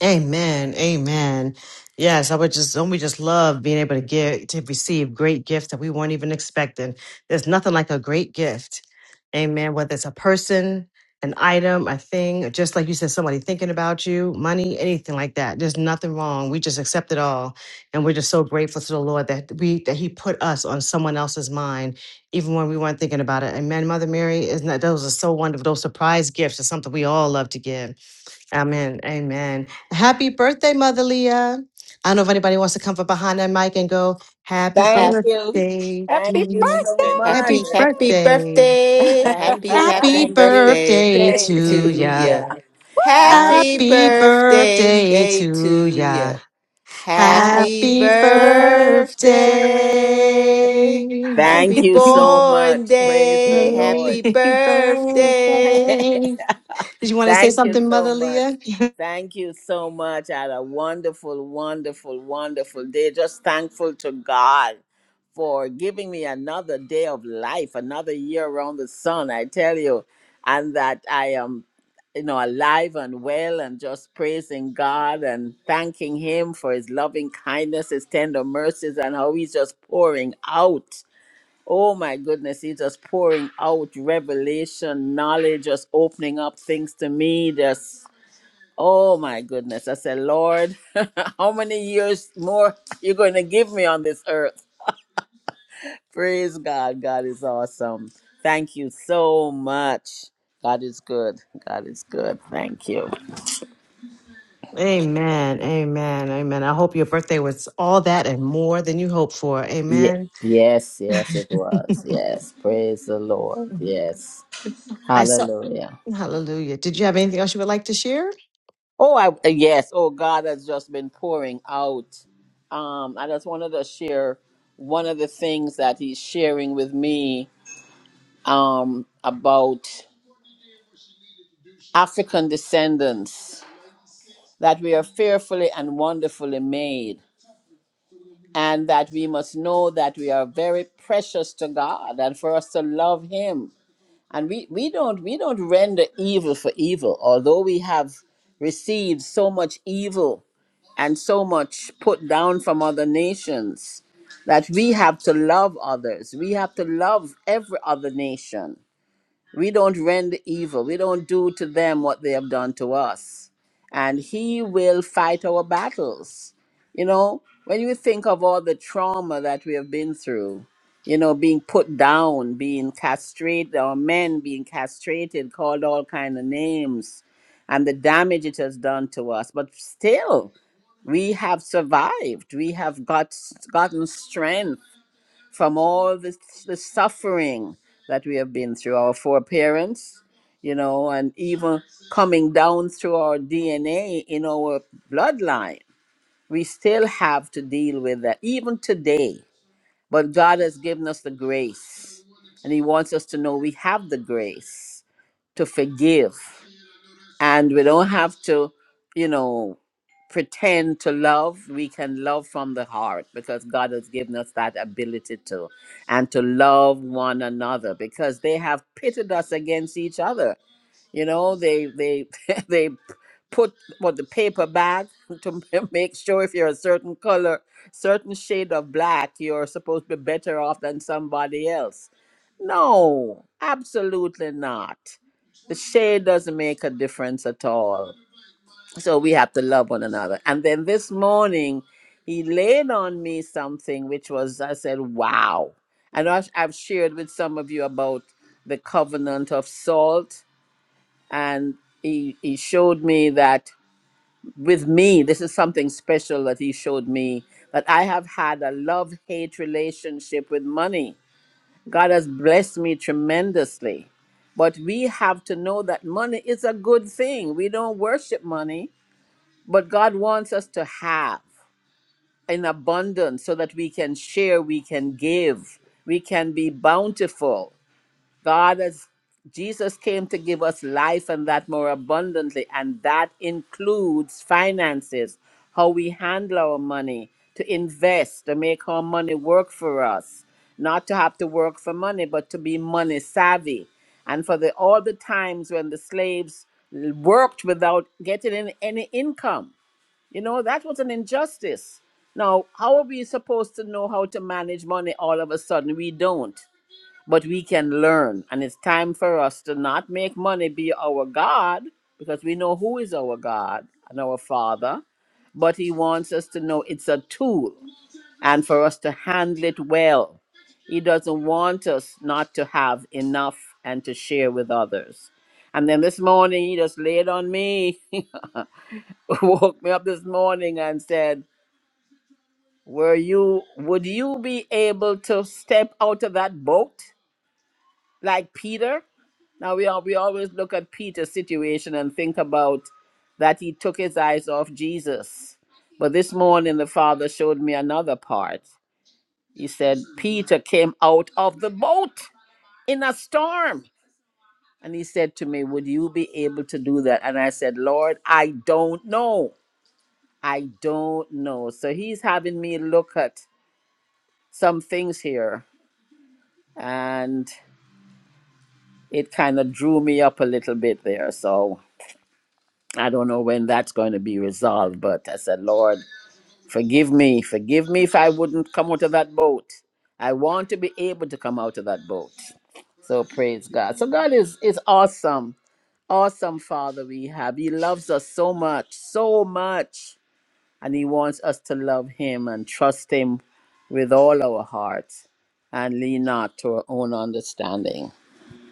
A: Amen. Amen. Yes, I would just don't we just love being able to give to receive great gifts that we weren't even expecting. There's nothing like a great gift. Amen. Whether it's a person, an item, a thing, or just like you said, somebody thinking about you, money, anything like that. There's nothing wrong. We just accept it all. And we're just so grateful to the Lord that we that He put us on someone else's mind, even when we weren't thinking about it. Amen. Mother Mary, isn't that those are so wonderful? Those surprise gifts are something we all love to give. Amen. Amen. Happy birthday, Mother Leah. I don't know if anybody wants to come from behind that mic and go, Happy
D: Thank you.
B: Happy,
A: birthday,
D: Thank
E: Happy
D: you
A: Dee.
D: so
E: birthday
D: much.
A: Happy
B: happy,
C: Amen.
B: happy
A: birthday.
B: birthday.
D: Thank
B: Happy,
D: you.
B: happy
A: Happy
D: Thank you.
B: birthday
A: birthday
E: Day to
A: to
B: to
E: you.
A: ya.
B: you.
D: Hallelujah.
E: Woo!
B: Happy
D: Happy,
A: Happy
B: birthday
A: birthday
B: day
A: to
B: to
A: ya.
B: you.
D: happy
B: Happy
A: Happy
E: Happy birthday.
D: birthday.
B: birthday.
A: birthday.
D: Thank
B: Happy
D: you so
B: born
D: much. Praise the
B: day.
D: Lord.
B: Happy
A: Happy
B: birthday.
A: birthday. Did you want to say
D: Thank you
A: something,
D: so
A: Mother
D: much.
A: Leah?
D: Thank you so much. I had a wonderful, wonderful, wonderful day. Just thankful to God for giving me another day of life, another year around the sun, I tell you, and that I am, you know, alive and well and just praising God and thanking Him for His loving kindness, His tender mercies, and how He's just pouring out. Oh my goodness, he's just pouring out revelation, knowledge, just opening up things to me. Just oh my goodness. I said, Lord, how many years more you're gonna give me on this earth? Praise God. God is awesome. Thank you so much. God is good. God is good. Thank you.
A: Amen. Amen. Amen. I hope your birthday was all that and more than you hoped for.
D: Yeah.
A: Amen.
D: Yes, yes, it was. Yes. Praise the Lord.
A: Mhm.
D: Yes.
A: I saw.
D: Hallelujah.
A: Hallelujah. Did you have anything else you would like to share?
D: Oh, I uh, yes. Oh, God has just been pouring out. Um, I just wanted to share one of the things that he's sharing with me um, about African descendants that we are fearfully and wonderfully made, and that we must know that we are very precious to God, and for us to love Him, and we we don't we don't render evil for evil, although we have received so much evil and so much put down from other nations that we have to love others. We have to love every other nation. We don't render evil, we don't do to them what they have done to us. And He will fight our battles. You know, when you think of all the trauma that we have been through, you know, being put down, being castrated, or men being castrated, called all kind of names, and the damage it has done to us. But still, we have survived. We have got gotten strength from all the, the suffering that we have been through. Our foreparents, you know, and even coming down through our DNA in our bloodline, we still have to deal with that even today. But God has given us the grace, and He wants us to know we have the grace to forgive and we don't have to you know pretend to love we can love from the heart because god has given us that ability to and to love one another because they have pitted us against each other you know they they they put what the paper bag to make sure if you're a certain color certain shade of black you're supposed to be better off than somebody else no, absolutely not. The shade doesn't make a difference at all. So we have to love one another. And then this morning, he laid on me something which was, I said, wow. And I've I've shared with some of you about the covenant of salt. And he, he showed me that with me, this is something special that he showed me that I have had a love hate relationship with money God has blessed me tremendously. But we have to know that money is a good thing. We don't worship money, but God wants us to have in abundance so that we can share, we can give, we can be bountiful. God has Jesus came to give us life and that more abundantly, and that includes finances, how we handle our money, to invest, to make our money work for us, not to have to work for money, but to be money savvy. And for the all the times when the slaves worked without getting in any income, you know, that was an injustice. Now, how are we supposed to know how to manage money all of a sudden? We don't but we can learn. And it's time for us to not make money be our God because we know who is our God and our Father, but He wants us to know it's a tool and for us to handle it well. He doesn't want us not to have enough and to share with others. And then this morning, he just laid on me, woke me up this morning and said, Were you, would you be able to step out of that boat like Peter? Now we are, we always look at Peter's situation and think about that he took his eyes off Jesus. But this morning the Father showed me another part. He said, Peter came out of the boat in a storm. And he said to me, Would you be able to do that? And I said, Lord, I don't know. I don't know. So he's having me look at some things here. And it kind of drew me up a little bit there. So I don't know when that's going to be resolved, but I said, Lord, forgive me. Forgive me if I wouldn't come out of that boat. I want to be able to come out of that boat. So praise God. So God is is awesome. Awesome Father we have. He loves us so much, so much. And he wants us to love him and trust him with all our hearts and lean not to our own understanding.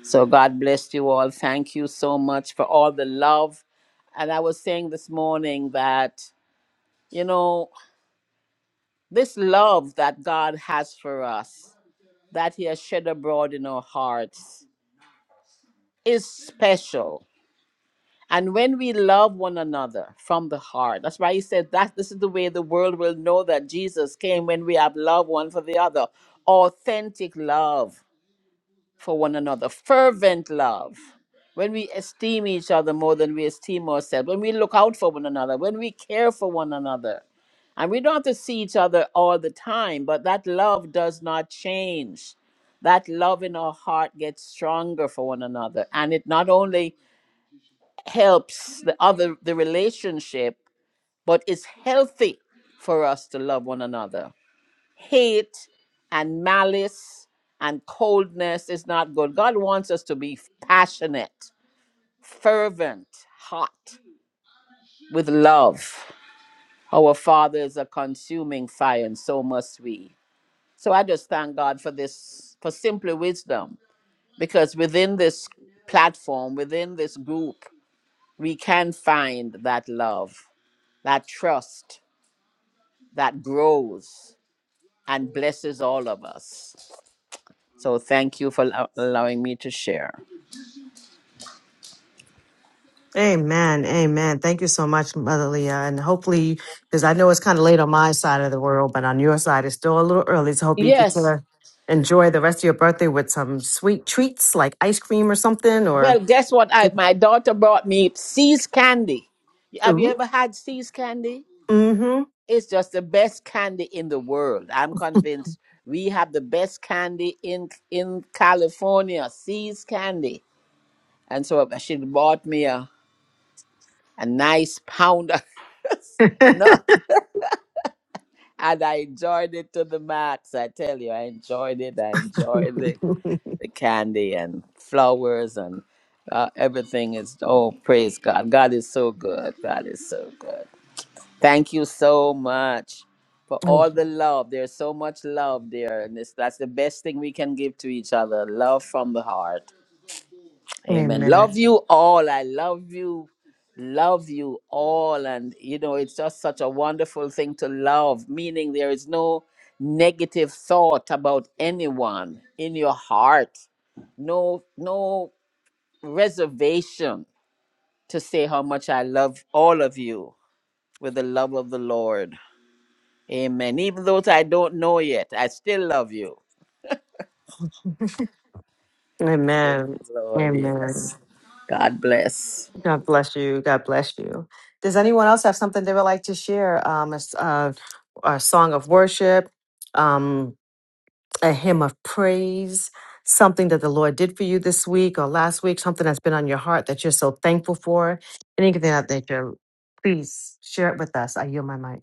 D: So God bless you all. Thank you so much for all the love. And I was saying this morning that, you know, this love that God has for us, that He has shed abroad in our hearts, is special. And when we love one another from the heart, that's why he said that this is the way the world will know that Jesus came when we have love one for the other. Authentic love for one another. Fervent love. When we esteem each other more than we esteem ourselves, when we look out for one another, when we care for one another. And we don't have to see each other all the time, but that love does not change. That love in our heart gets stronger for one another. And it not only helps the other, the relationship, but it's healthy for us to love one another hate and malice and coldness is not good. God wants us to be passionate, fervent, hot with love. Our Father is a consuming fire, and so must we. So I just thank God for this, for simply wisdom, because within this platform, within this group, we can find that love, that trust that grows and blesses all of us. So thank you for allo- allowing me to share.
A: Amen. Amen. Thank you so much, Mother Leah. And hopefully, because I know it's kind of late on my side of the world, but on your side, it's still a little early. So hope you get
D: Yes.
A: to enjoy the rest of your birthday with some sweet treats like ice cream or something or.
D: Well, guess what? I my daughter brought me See's candy. Have you
A: Ooh.
D: ever had See's candy?
A: Mm-hmm.
D: It's just the best candy in the world. I'm convinced we have the best candy in in California, See's candy. And so she bought me a, a nice pound of nut, and I enjoyed it to the max. I tell you, I enjoyed it. I enjoyed it. the candy and flowers and uh, everything is oh praise god god is so good god is so good thank you so much for all the love there's so much love there and it's, that's the best thing we can give to each other love from the heart Amen. Love
A: Amen.
D: you all. I love you. Love you all. And, you know, it's just such a wonderful thing to love, meaning there is no negative thought about anyone in your heart, no, no reservation to say how much I love all of you with the love of the Lord. Amen. Even those I don't know yet, I still love you. Praise
A: Amen.
D: the Lord,
A: Amen.
D: yes. God bless.
A: God bless you. God bless you. Does anyone else have something they would like to share? Um, a, s- uh, a song of worship, um, a hymn of praise, something that the Lord did for you this week or last week, something that's been on your heart that you're so thankful for, anything that that you're, please share it with us. I yield my mic.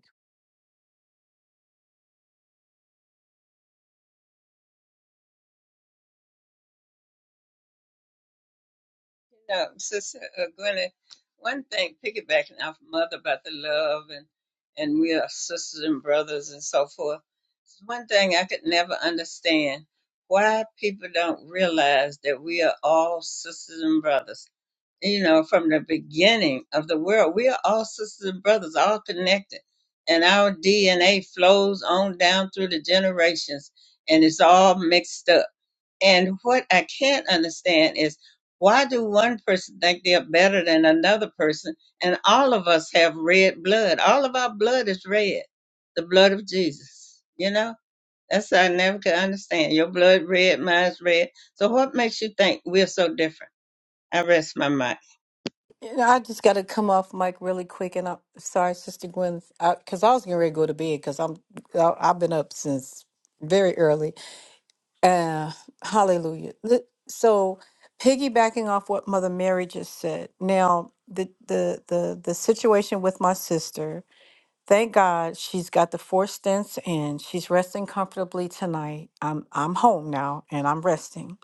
C: No, Sister uh, Gwyneth, one thing, piggybacking off Mother about the love and and we are sisters and brothers and so forth. one thing I could never understand why people don't realize that we are all sisters and brothers. You know, from the beginning of the world, we are all sisters and brothers, all connected, and our DNA flows on down through the generations, and it's all mixed up and what I can't understand is why do one person think they're better than another person? And all of us have red blood. All of our blood is red, the blood of Jesus. You know, that's what I never could understand. Your blood red, mine's red. So what makes you think we're so different? I rest my mind.
E: You know, I just got to come off mic really quick, and I'm sorry, Sister Gwen, because I, 'cause I was getting ready to go to bed because I'm I, I've been up since very early. Uh, hallelujah! Li- So, piggybacking off what Mother Mary just said, now the the the the situation with my sister. Thank God she's got the four stents in. She's resting comfortably tonight. I'm I'm home now and I'm resting.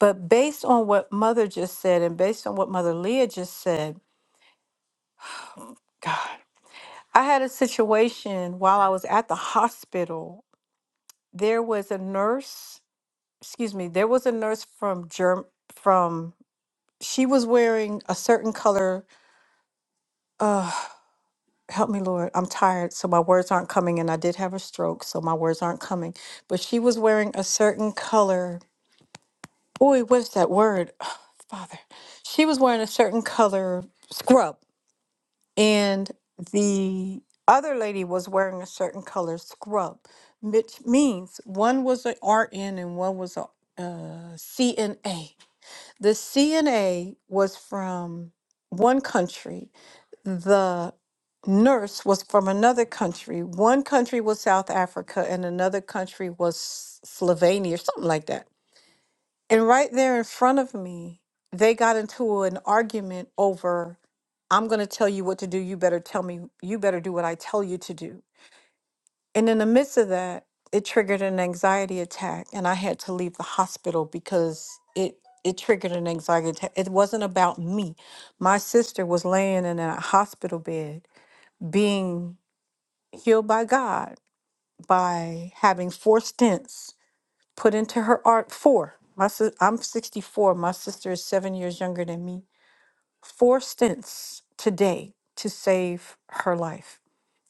E: But based on what mother just said and based on what mother Leah just said, God, I had a situation while I was at the hospital. There was a nurse, excuse me, there was a nurse from Germ from she was wearing a certain color. help me lord i'm tired so my words aren't coming and i did have a stroke so my words aren't coming but she was wearing a certain color boy what's that word father she was wearing a certain color scrub and the other lady was wearing a certain color scrub which means one was an rn and one was a uh, cna the cna was from one country the nurse was from another country. One country was South Africa and another country was Slovenia or something like that. And right there in front of me, they got into an argument over I'm going to tell you what to do. You better tell me, you better do what I tell you to do. And in the midst of that, it triggered an anxiety attack and I had to leave the hospital because it it triggered an anxiety attack. It wasn't about me. My sister was laying in a hospital bed being healed by God by having four stents put into her art. Four. My sis- I'm 64. My sister is seven years younger than me. Four stents today to save her life.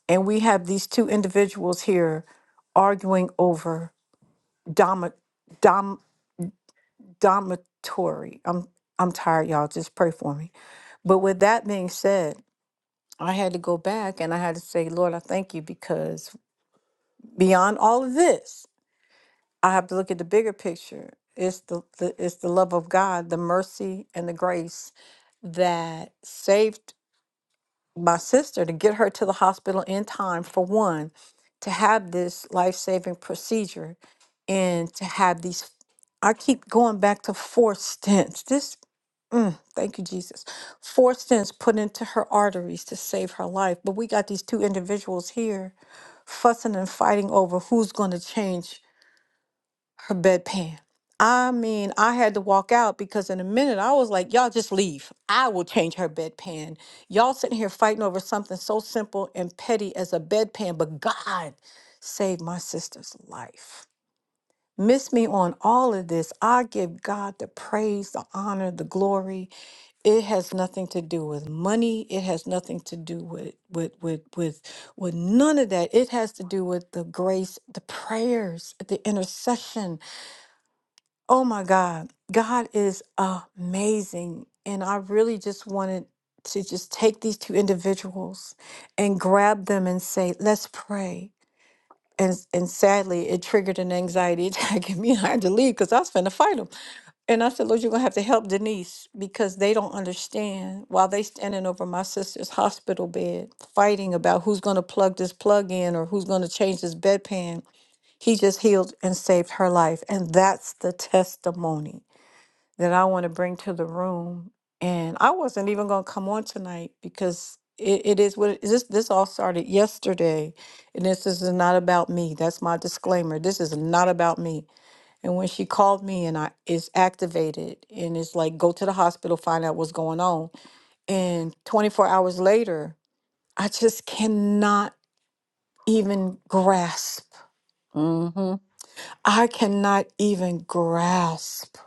E: And we have these two individuals here arguing over dom, dom, dormitory. I'm I'm tired, y'all. Just pray for me. But with that being said, I had to go back and I had to say, Lord, I thank you because beyond all of this, I have to look at the bigger picture. It's the, the it's the love of God, the mercy and the grace that saved my sister to get her to the hospital in time for one, to have this life-saving procedure and to have these I keep going back to four stents. This mm, thank you Jesus. Four stents put into her arteries to save her life. But we got these two individuals here fussing and fighting over who's going to change her bedpan. I mean, I had to walk out because in a minute I was like, y'all just leave. I will change her bedpan. Y'all sitting here fighting over something so simple and petty as a bedpan, but God saved my sister's life. Miss me on all of this. I give God the praise, the honor, the glory. It has nothing to do with money. It has nothing to do with with with with with none of that. It has to do with the grace, the prayers, the intercession, Oh my God. God is amazing. And I really just wanted to just take these two individuals and grab them and say, let's pray. And, and sadly, it triggered an anxiety attack in me. And I had to leave because I was finna fight them. And I said, Lord, you're going to have to help Denise because they don't understand. While they standing over my sister's hospital bed, fighting about who's going to plug this plug in or who's going to change this bedpan, he just healed and saved her life. And that's the testimony that I want to bring to the room. And I wasn't even going to come on tonight because it, it is what it is. This, this all started yesterday. And this is not about me. That's my disclaimer. This is not about me. And when she called me and I is activated and it's like, go to the hospital, find out what's going on. And 24 hours later, I just cannot even grasp.
D: Mm-hmm.
E: I cannot even grasp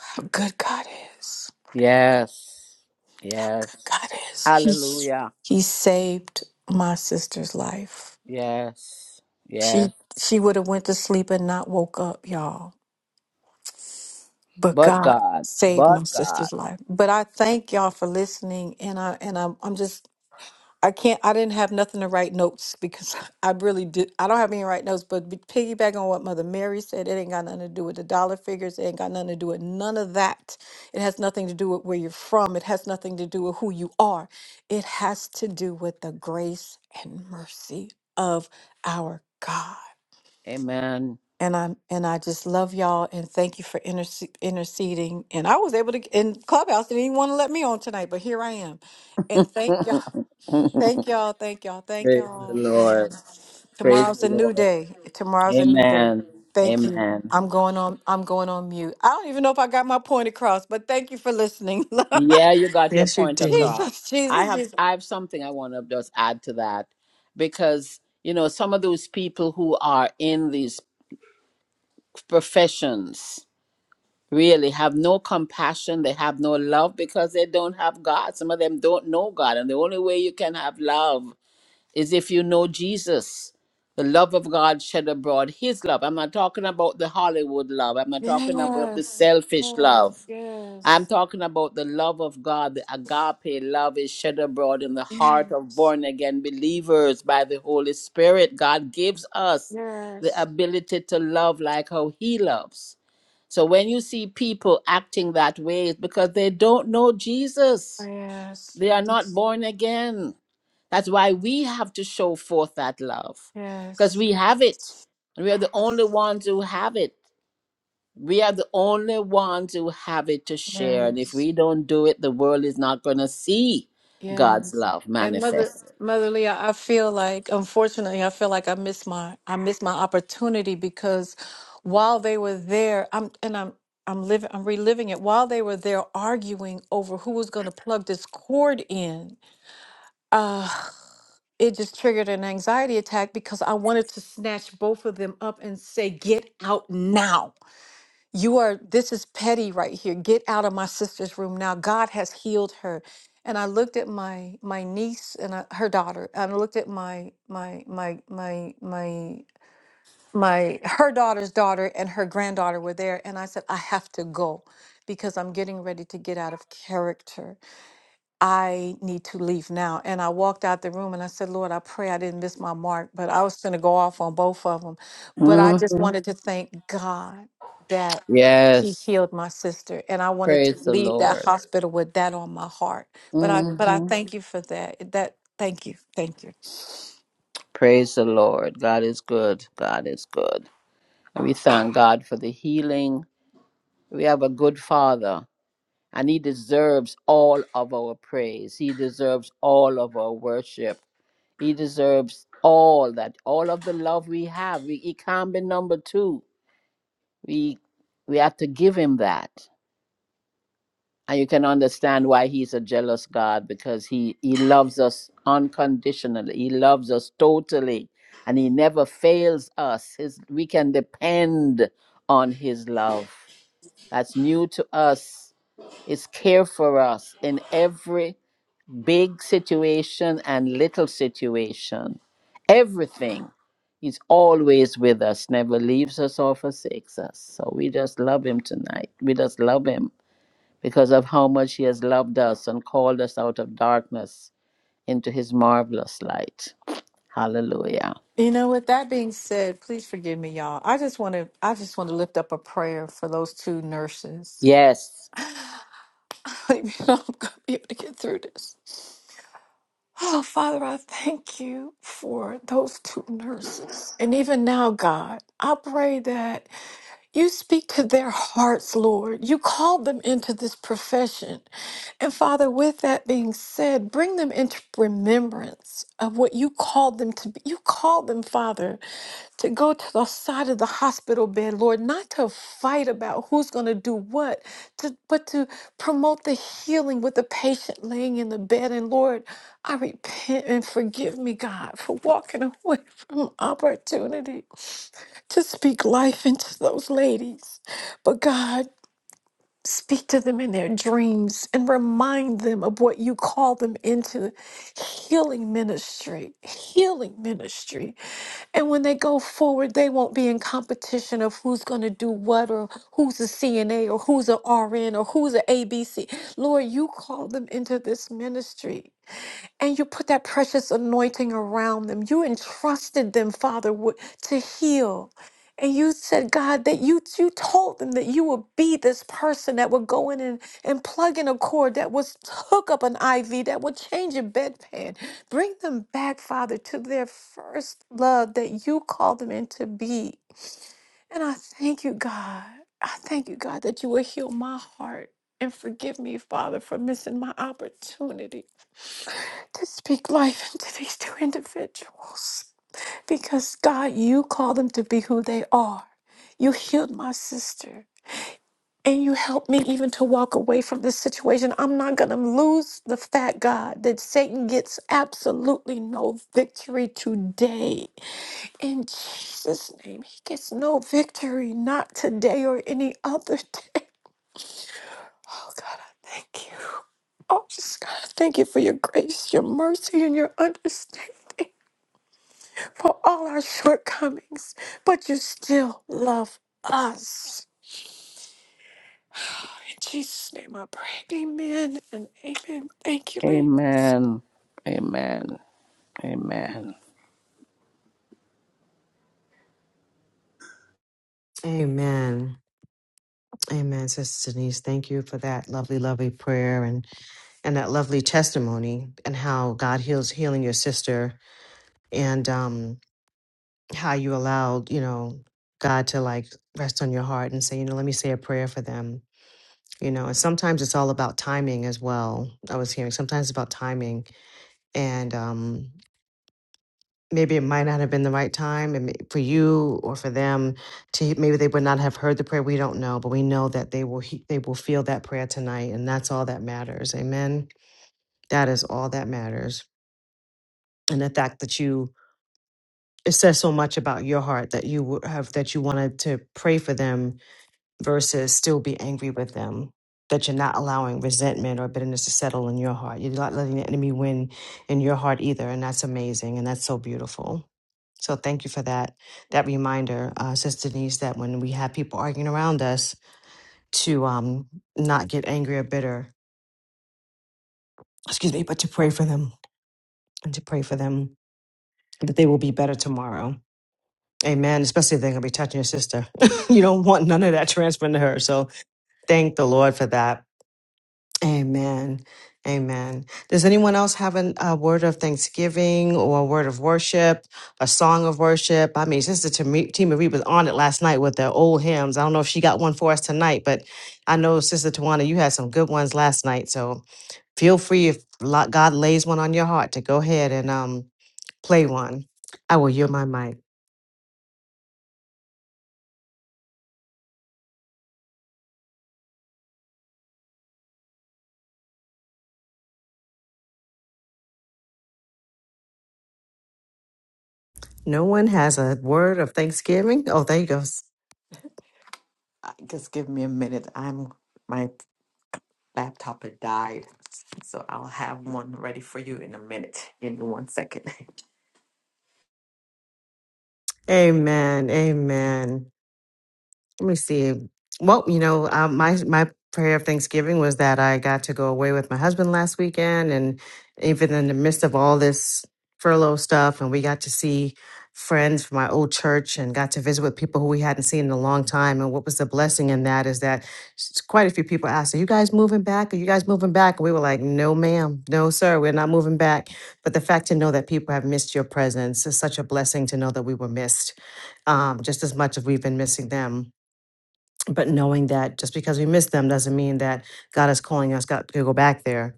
E: how good God is.
D: Yes. Yes.
E: God is
D: Hallelujah.
E: he? he saved my sister's life.
D: Yes. Yes.
E: She she would have went to sleep and not woke up, y'all. But
D: But
E: God
D: God.
E: saved
D: But
E: my
D: God.
E: sister's life. But I thank y'all for listening and I and I'm I'm just I can't. I didn't have nothing to write notes because I really did. I don't have any write notes. But be- piggyback on what Mother Mary said, it ain't got nothing to do with the dollar figures. It ain't got nothing to do with none of that. It has nothing to do with where you're from. It has nothing to do with who you are. It has to do with the grace and mercy of our God.
D: Amen.
E: And I'm and I just love y'all and thank you for interce- interceding. And I was able to. And Clubhouse didn't even want to let me on tonight, but here I am. And thank
D: Praise
E: y'all. Thank y'all. Thank y'all. Thank
D: the
E: y'all. And
D: Lord.
E: um,
D: Praise
E: tomorrow's
D: the
E: a new
D: Lord.
E: day. Tomorrow's a new day.
D: Amen.
E: Thank you.
D: Amen.
E: I'm going on. I'm going on mute. I don't even know if I got my point across, but thank you for listening.
D: Yeah, you got your
A: Yes, you
D: point
A: did.
D: across.
E: Jesus,
D: I
E: Jesus,
D: have
E: Jesus.
D: I have something I want to just add to that because you know some of those people who are in these professions really have no compassion they have no love because they don't have god some of them don't know god and the only way you can have love is if you know jesus the love of god shed abroad his love i'm not talking about the hollywood love i'm not talking about the
E: Yes,
D: selfish
E: yes,
D: love i'm
E: yes,
D: talking about the love of god the agape love is shed abroad in the heart of
E: yes,
D: born again believers by the holy spirit god gives us the
E: yes,
D: ability to love like how he loves so when you see people acting that way, it's because they don't know Jesus. They are not
E: yes,
D: born again. That's why we have to show forth that love because
E: yes, yes,
D: we have it. And we are the only ones who have it. We are the only ones who have it to share. And if
E: yes.
D: we don't do it, the world is not going to see God's
E: Yes.
D: love
E: And mother
D: manifested.
E: mother Leah, I feel like unfortunately I feel like I missed my I missed my opportunity because while they were there, I'm and I'm I'm living I'm reliving it. While they were there arguing over who was gonna plug this cord in, uh it just triggered an anxiety attack because I wanted to snatch both of them up and say, get out now you are, this is petty right here. Get out of my sister's room now. God has healed her. And I looked at my my niece and I, her daughter, and I looked at my my my my my my her daughter's daughter and her granddaughter were there, and I said, I have to go because I'm getting ready to get out of character. I need to leave now. And I walked out the room and I said, Lord, I pray I didn't miss my mark, but I was going to go off on both of them. But I
D: hmm
E: just wanted to thank God that He
D: Yes.
E: healed my sister. And I wanted to
D: Praise the
E: leave that
D: Lord.
E: hospital with that on my heart. But I, but I
D: hmm
E: thank you for that. That, thank you. Thank you.
D: Praise the Lord. God is good. God is good. we thank God for the healing. We have a good Father, and He deserves all of our praise. He deserves all of our worship. He deserves all that, all of the love we have. We, he can't be number two. We, we have to give Him that. And you can understand why He's a jealous God because He, he loves us unconditionally, He loves us totally. And he never fails us. His, we can depend on his love. that's new to us is care for us in every big situation and little situation. Everything. He's always with us, never leaves us or forsakes us. So we just love him tonight. We just love him because of how much he has loved us and called us out of darkness into his marvelous light. Hallelujah.
E: You know, with that being said, please forgive me, y'all. I just want to, I just want to lift up a prayer for those two nurses.
D: Yes.
E: I don't even know if I'm going to be able to get through this. Oh, Father, I thank you for those two nurses. And even now, God, I pray that you speak to their hearts, Lord. You called them into this profession. And Father, with that being said, bring them into remembrance of what you called them to be. You called them, Father to go to the side of the hospital bed, Lord, not to fight about who's going to do what, to, but to promote the healing with the patient laying in the bed. And Lord, I repent and forgive me, God, for walking away from opportunity to speak life into those ladies. But God, speak to them in their dreams and remind them of what you call them into healing ministry, healing ministry and when they go forward, they won't be in competition of who's going to do what or who's a CNA or who's a RN or who's a ABC. Lord, you call them into this ministry and you put that precious anointing around them. You entrusted them, Father, wi- to heal. And you said, God, that you you told them that you would be this person that would go in and, and plug in a cord, that would hook up an IV, that would change a bedpan. Bring them back, Father, to their first love that you called them into be. And I thank you, God. I thank you, God, that you will heal my heart and forgive me, Father, for missing my opportunity to speak life into these two individuals because God, you call them to be who they are. You healed my sister and you helped me even to walk away from this situation. I'm not going to lose the fact, God, that Satan gets absolutely no victory today. In Jesus' name, he gets no victory, not today or any other day. Oh, God, I thank you. Oh, just God, I thank you for your grace, your mercy, and your understanding. for all our shortcomings, but you still love us. In Jesus' name I pray. Amen and amen. Thank you, Lord.
D: Amen. Amen. Amen.
A: Amen. Amen, Sister Denise. Thank you for that lovely, lovely prayer and and that lovely testimony and how God heals healing your sister and um how you allowed, you know, God to like rest on your heart and say, you know, let me say a prayer for them you know and sometimes it's all about timing as well i was hearing sometimes it's about timing and um maybe it might not have been the right time and may- for you or for them to maybe they would not have heard the prayer we don't know but we know that they will he- they will feel that prayer tonight and that's all that matters amen that is all that matters and the fact that you it says so much about your heart that you w- have that you wanted to pray for them versus still be angry with them. That you're not allowing resentment or bitterness to settle in your heart. You're not letting the enemy win in your heart either. And that's amazing. And that's so beautiful. So thank you for that that reminder, uh, Sister Denise, that when we have people arguing around us, to um, not get angry or bitter. Excuse me, but to pray for them and to pray for them that they will be better tomorrow. Amen. Especially if they're gonna be touching your sister. you don't want none of that transferring to her. So thank the Lord for that. Amen. Amen. Does anyone else have an, a word of thanksgiving or a word of worship, a song of worship? I mean, Sister Tami- Tima Reed was on it last night with the old hymns. I don't know if she got one for us tonight, but I know, Sister Tawana, you had some good ones last night. So feel free if lo- God lays one on your heart to go ahead and um, play one. I will yield my mic. No one has a word of thanksgiving. Oh, there you go.
B: Uh, Just give me a minute. I'm my laptop had died, so I'll have one ready for you in a minute. Give me one second.
A: Amen. Amen. Let me see. Well, you know, um, my my prayer of Thanksgiving was that I got to go away with my husband last weekend, and even in the midst of all this furlough stuff, and we got to see friends from my old church and got to visit with people who we hadn't seen in a long time. And what was the blessing in that is that s- quite a few people asked, "Are you guys moving back? Are you guys moving back?" And we were like, "No, ma'am, no, sir, we're not moving back." But the fact to know that people have missed your presence is such a blessing to know that we were missed um, just as much as we've been missing them but knowing that just because we miss them doesn't mean that God is calling us got to go back there.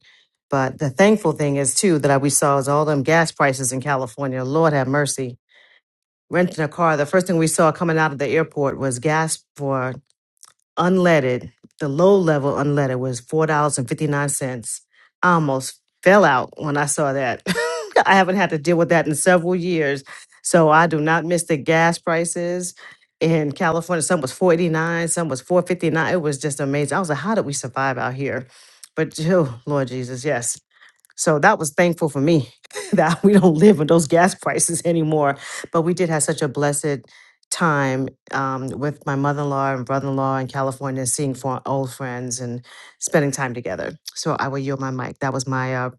A: But the thankful thing is too that I, we saw is all them gas prices in California. Lord have mercy. Renting a car, the first thing we saw coming out of the airport was gas for unleaded, the low level unleaded was four dollars and fifty nine cents. I almost fell out when I saw that. I haven't had to deal with that in several years, so I do not miss the gas prices in California. Some was four eighty nine, some was four fifty nine. It was just amazing. I was like, how did we survive out here? But oh, Lord Jesus, yes. So that was thankful for me that we don't live with those gas prices anymore. But we did have such a blessed time um, with my mother in law and brother in law in California, seeing for old friends and spending time together. So I will yield my mic. That was my uh,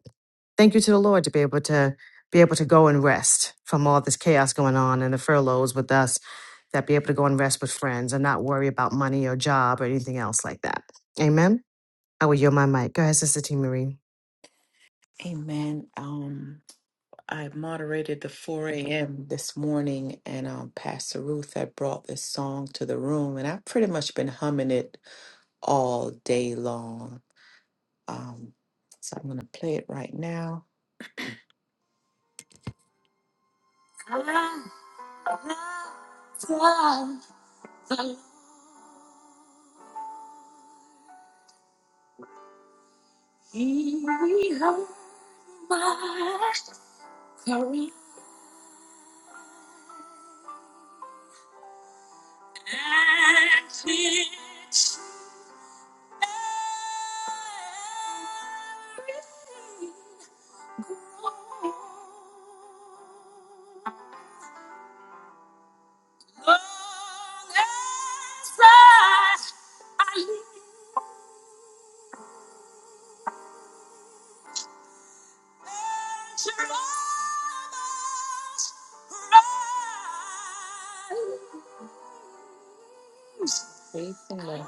A: thank you to the Lord to be able to be able to go and rest from all this chaos going on and the furloughs with us. That be able to go and rest with friends and not worry about money or job or anything else like that. Amen. I will yield my mic. Go ahead, Sister T. Marie.
B: Amen. Um, I moderated the 4 a.m. this morning, and um, Pastor Ruth had brought this song to the room, and I've pretty much been humming it all day long. Um, so I'm gonna play it right now. He heard my cry. and it's everything grown. Long as I, I live, Praise the Lord.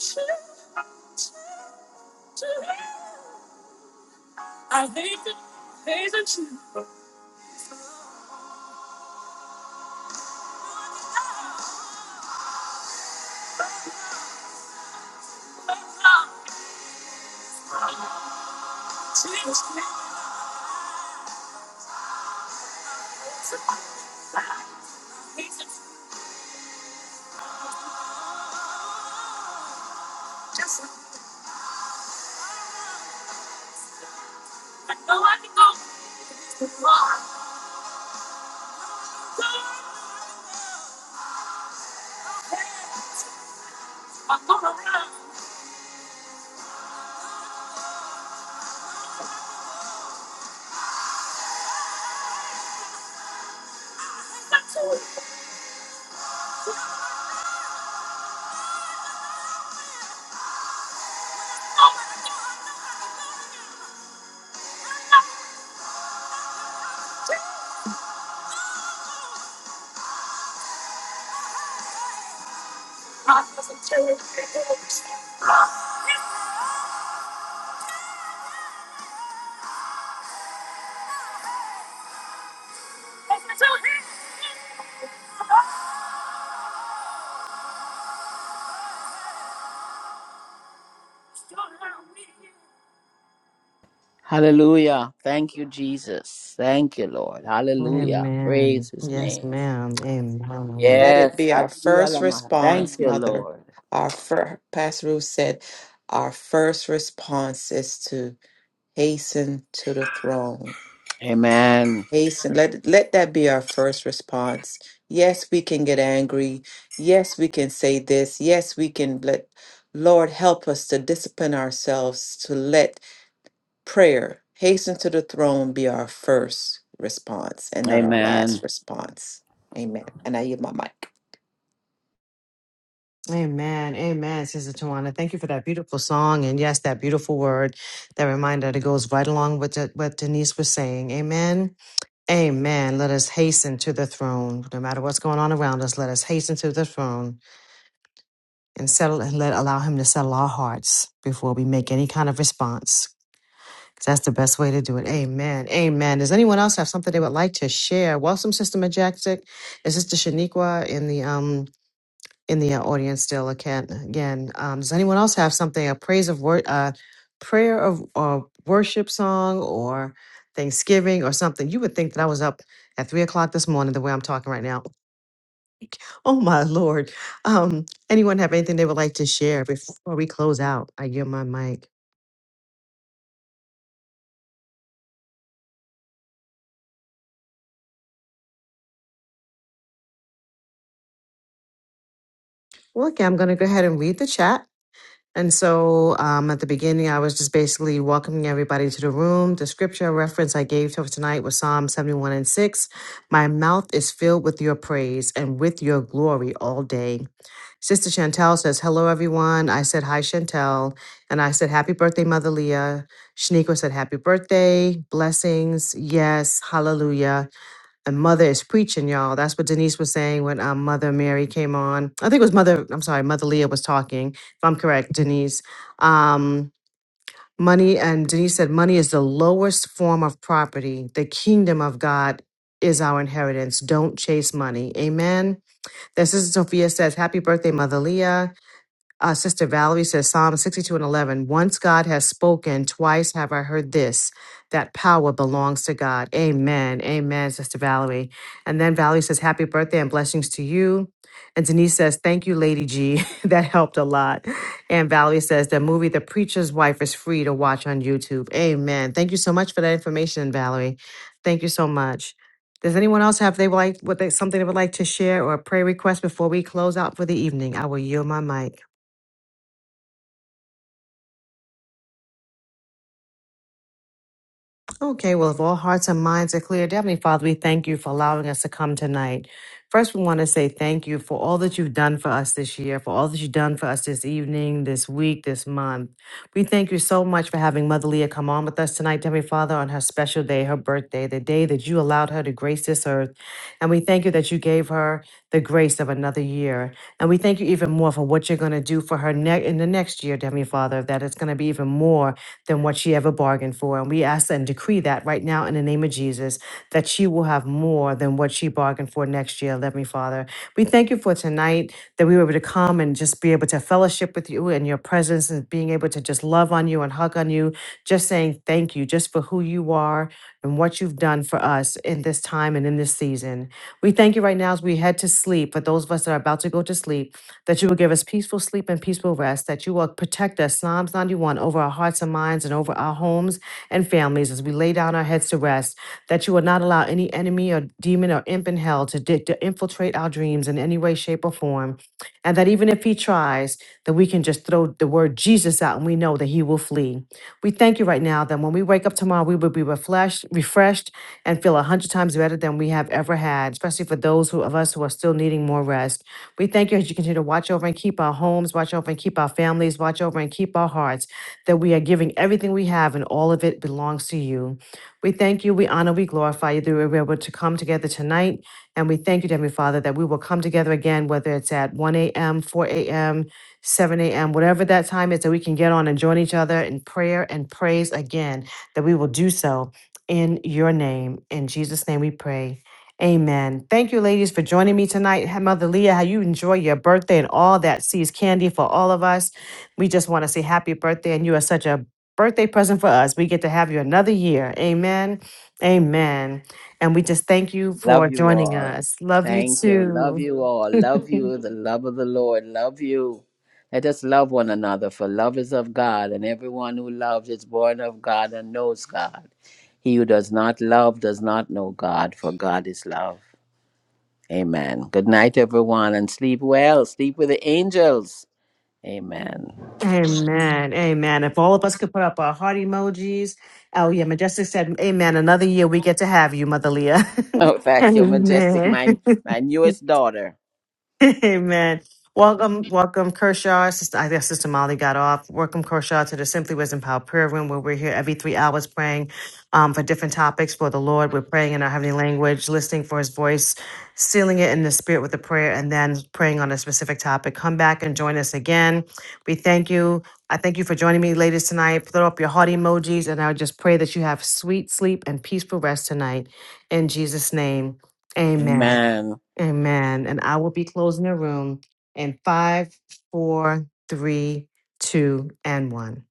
B: Strength. I hate the hate the truth. Jesus, Jesus, just I know I can go too far. I'm going around. That's all. I'm just a terrible. person. I'm just a terrible person.
D: Hallelujah. Thank you, Jesus. Thank you, Lord. Hallelujah.
A: Amen.
D: Praise his
A: Yes,
D: name.
A: ma'am.
B: And
A: Amen.
B: let it
D: Yes.
B: be our
D: Hallelujah,
B: first
D: Lama.
B: response,
D: Thank you,
B: Mother.
D: Lord.
B: Our fir- Pastor Ruth said, our first response is to hasten to the throne.
D: Amen.
B: Hasten. Let let that be our first response. Yes, we can get angry. Yes, we can say this. Yes, we can let. Lord, help us to discipline ourselves to let prayer hasten to the throne be our first response and not our
D: Amen.
B: last response. Amen. And I yield my mic.
A: Amen. Amen. Sister Tawana, thank you for that beautiful song. And yes, that beautiful word, that reminder that goes right along with the- what Denise was saying. Amen. Amen. Let us hasten to the throne. No matter what's going on around us, let us hasten to the throne and settle and let allow him to settle our hearts before we make any kind of response. That's the best way to do it. Amen. Amen. Does anyone else have something they would like to share? Welcome, Sister Majestic. Is Sister Shaniqua in the um in the uh, audience still? Again, again. Um, does anyone else have something a praise of word, uh, prayer of or worship song or Thanksgiving or something? You would think that I was up at three o'clock this morning the way I'm talking right now. Oh my lord. Um, anyone have anything they would like to share before we close out? I give my mic. Well, okay, I'm going to go ahead and read the chat. And so um, at the beginning, I was just basically welcoming everybody to the room. The scripture reference I gave to tonight was Psalm 71 and 6. My mouth is filled with your praise and with your glory all day. Sister Chantel says, Hello, everyone. I said, Hi, Chantel. And I said, Happy birthday, Mother Leah. Shaniqua said, Happy birthday. Blessings. Yes. Hallelujah and mother is preaching y'all that's what denise was saying when um, mother mary came on i think it was mother i'm sorry mother leah was talking if i'm correct denise um, money and denise said money is the lowest form of property the kingdom of god is our inheritance don't chase money amen this Sister sophia says happy birthday mother leah uh, Sister Valerie says Psalm 62 and 11. Once God has spoken, twice have I heard this, that power belongs to God. Amen. Amen, Sister Valerie. And then Valerie says, Happy birthday and blessings to you. And Denise says, Thank you, Lady G. that helped a lot. And Valerie says, The movie The Preacher's Wife is free to watch on YouTube. Amen. Thank you so much for that information, Valerie. Thank you so much. Does anyone else have they would like what they something they would like to share or a prayer request before we close out for the evening? I will yield my mic. Okay, well, if all hearts and minds are clear, Heavenly Father, we thank you for allowing us to come tonight. First, we want to say thank you for all that you've done for us this year, for all that you've done for us this evening, this week, this month. We thank you so much for having Mother Leah come on with us tonight, Heavenly Father, on her special day, her birthday, the day that you allowed her to grace this earth. And we thank you that you gave her the grace of another year. And we thank you even more for what you're going to do for her ne- in the next year, Heavenly Father, that it's going to be even more than what she ever bargained for. And we ask and decree that right now in the name of Jesus, that she will have more than what she bargained for next year. Let me, Father. We thank you for tonight that we were able to come and just be able to fellowship with you in your presence and being able to just love on you and hug on you, just saying thank you just for who you are and what you've done for us in this time and in this season. We thank you right now as we head to sleep for those of us that are about to go to sleep that you will give us peaceful sleep and peaceful rest, that you will protect us, Psalms 91, over our hearts and minds and over our homes and families as we lay down our heads to rest, that you will not allow any enemy or demon or imp in hell to, di- to infiltrate our dreams in any way, shape, or form, and that even if he tries, that we can just throw the word Jesus out and we know that he will flee. We thank you right now that when we wake up tomorrow, we will be refreshed, refreshed and feel a hundred times better than we have ever had, especially for those who, of us who are still needing more rest. We thank you as you continue to watch over and keep our homes, watch over and keep our families, watch over and keep our hearts, that we are giving everything we have and all of it belongs to you. We thank you, we honor, we glorify you that we were able to come together tonight. And we thank you, Heavenly Father, that we will come together again, whether it's at 1 a.m., 4 a.m., 7 a.m., whatever that time is, that we can get on and join each other in prayer and praise again, that we will do so in your name. In Jesus' name we pray. Amen. Thank you, ladies, for joining me tonight. Ha- Mother Leah, how you enjoy your birthday and all that sees candy for all of us. We just want to say happy birthday, and you are such a birthday present for us. We get to have you another year. Amen. Amen. And we just thank you for
D: Love you
A: joining
D: all.
A: us. Love you
D: Thank you. Love
A: too.
D: you all. Love you. with The love of the Lord. Love you. Let us love one another, for love is of God, and everyone who loves is born of God and knows God. He who does not love does not know God, for God is love. Amen. Good night, everyone, and sleep well. Sleep with the angels. Amen.
A: Amen. Amen. If all of us could put up our heart emojis. Oh, yeah. Majestic said, Amen. Another year we get to have you, Mother Leah.
D: Oh, thank you, majestic,
A: Amen.
D: my my newest daughter.
A: Amen. Welcome, welcome, Kershaw. Sister, I guess Sister Molly got off. Welcome, Kershaw, to the Simply Wisdom Power Prayer Room, where we're here every three hours praying um, for different topics for the Lord. We're praying in our heavenly language, listening for His voice, sealing it in the Spirit with a prayer, and then praying on a specific topic. Come back and join us again. We thank you. I thank you for joining me, ladies, tonight. Throw up your heart emojis, and I just pray that you have sweet sleep and peaceful rest tonight. In Jesus' name, Amen.
D: Amen.
A: Amen. And I will be closing the room in five, four, three, two, and one.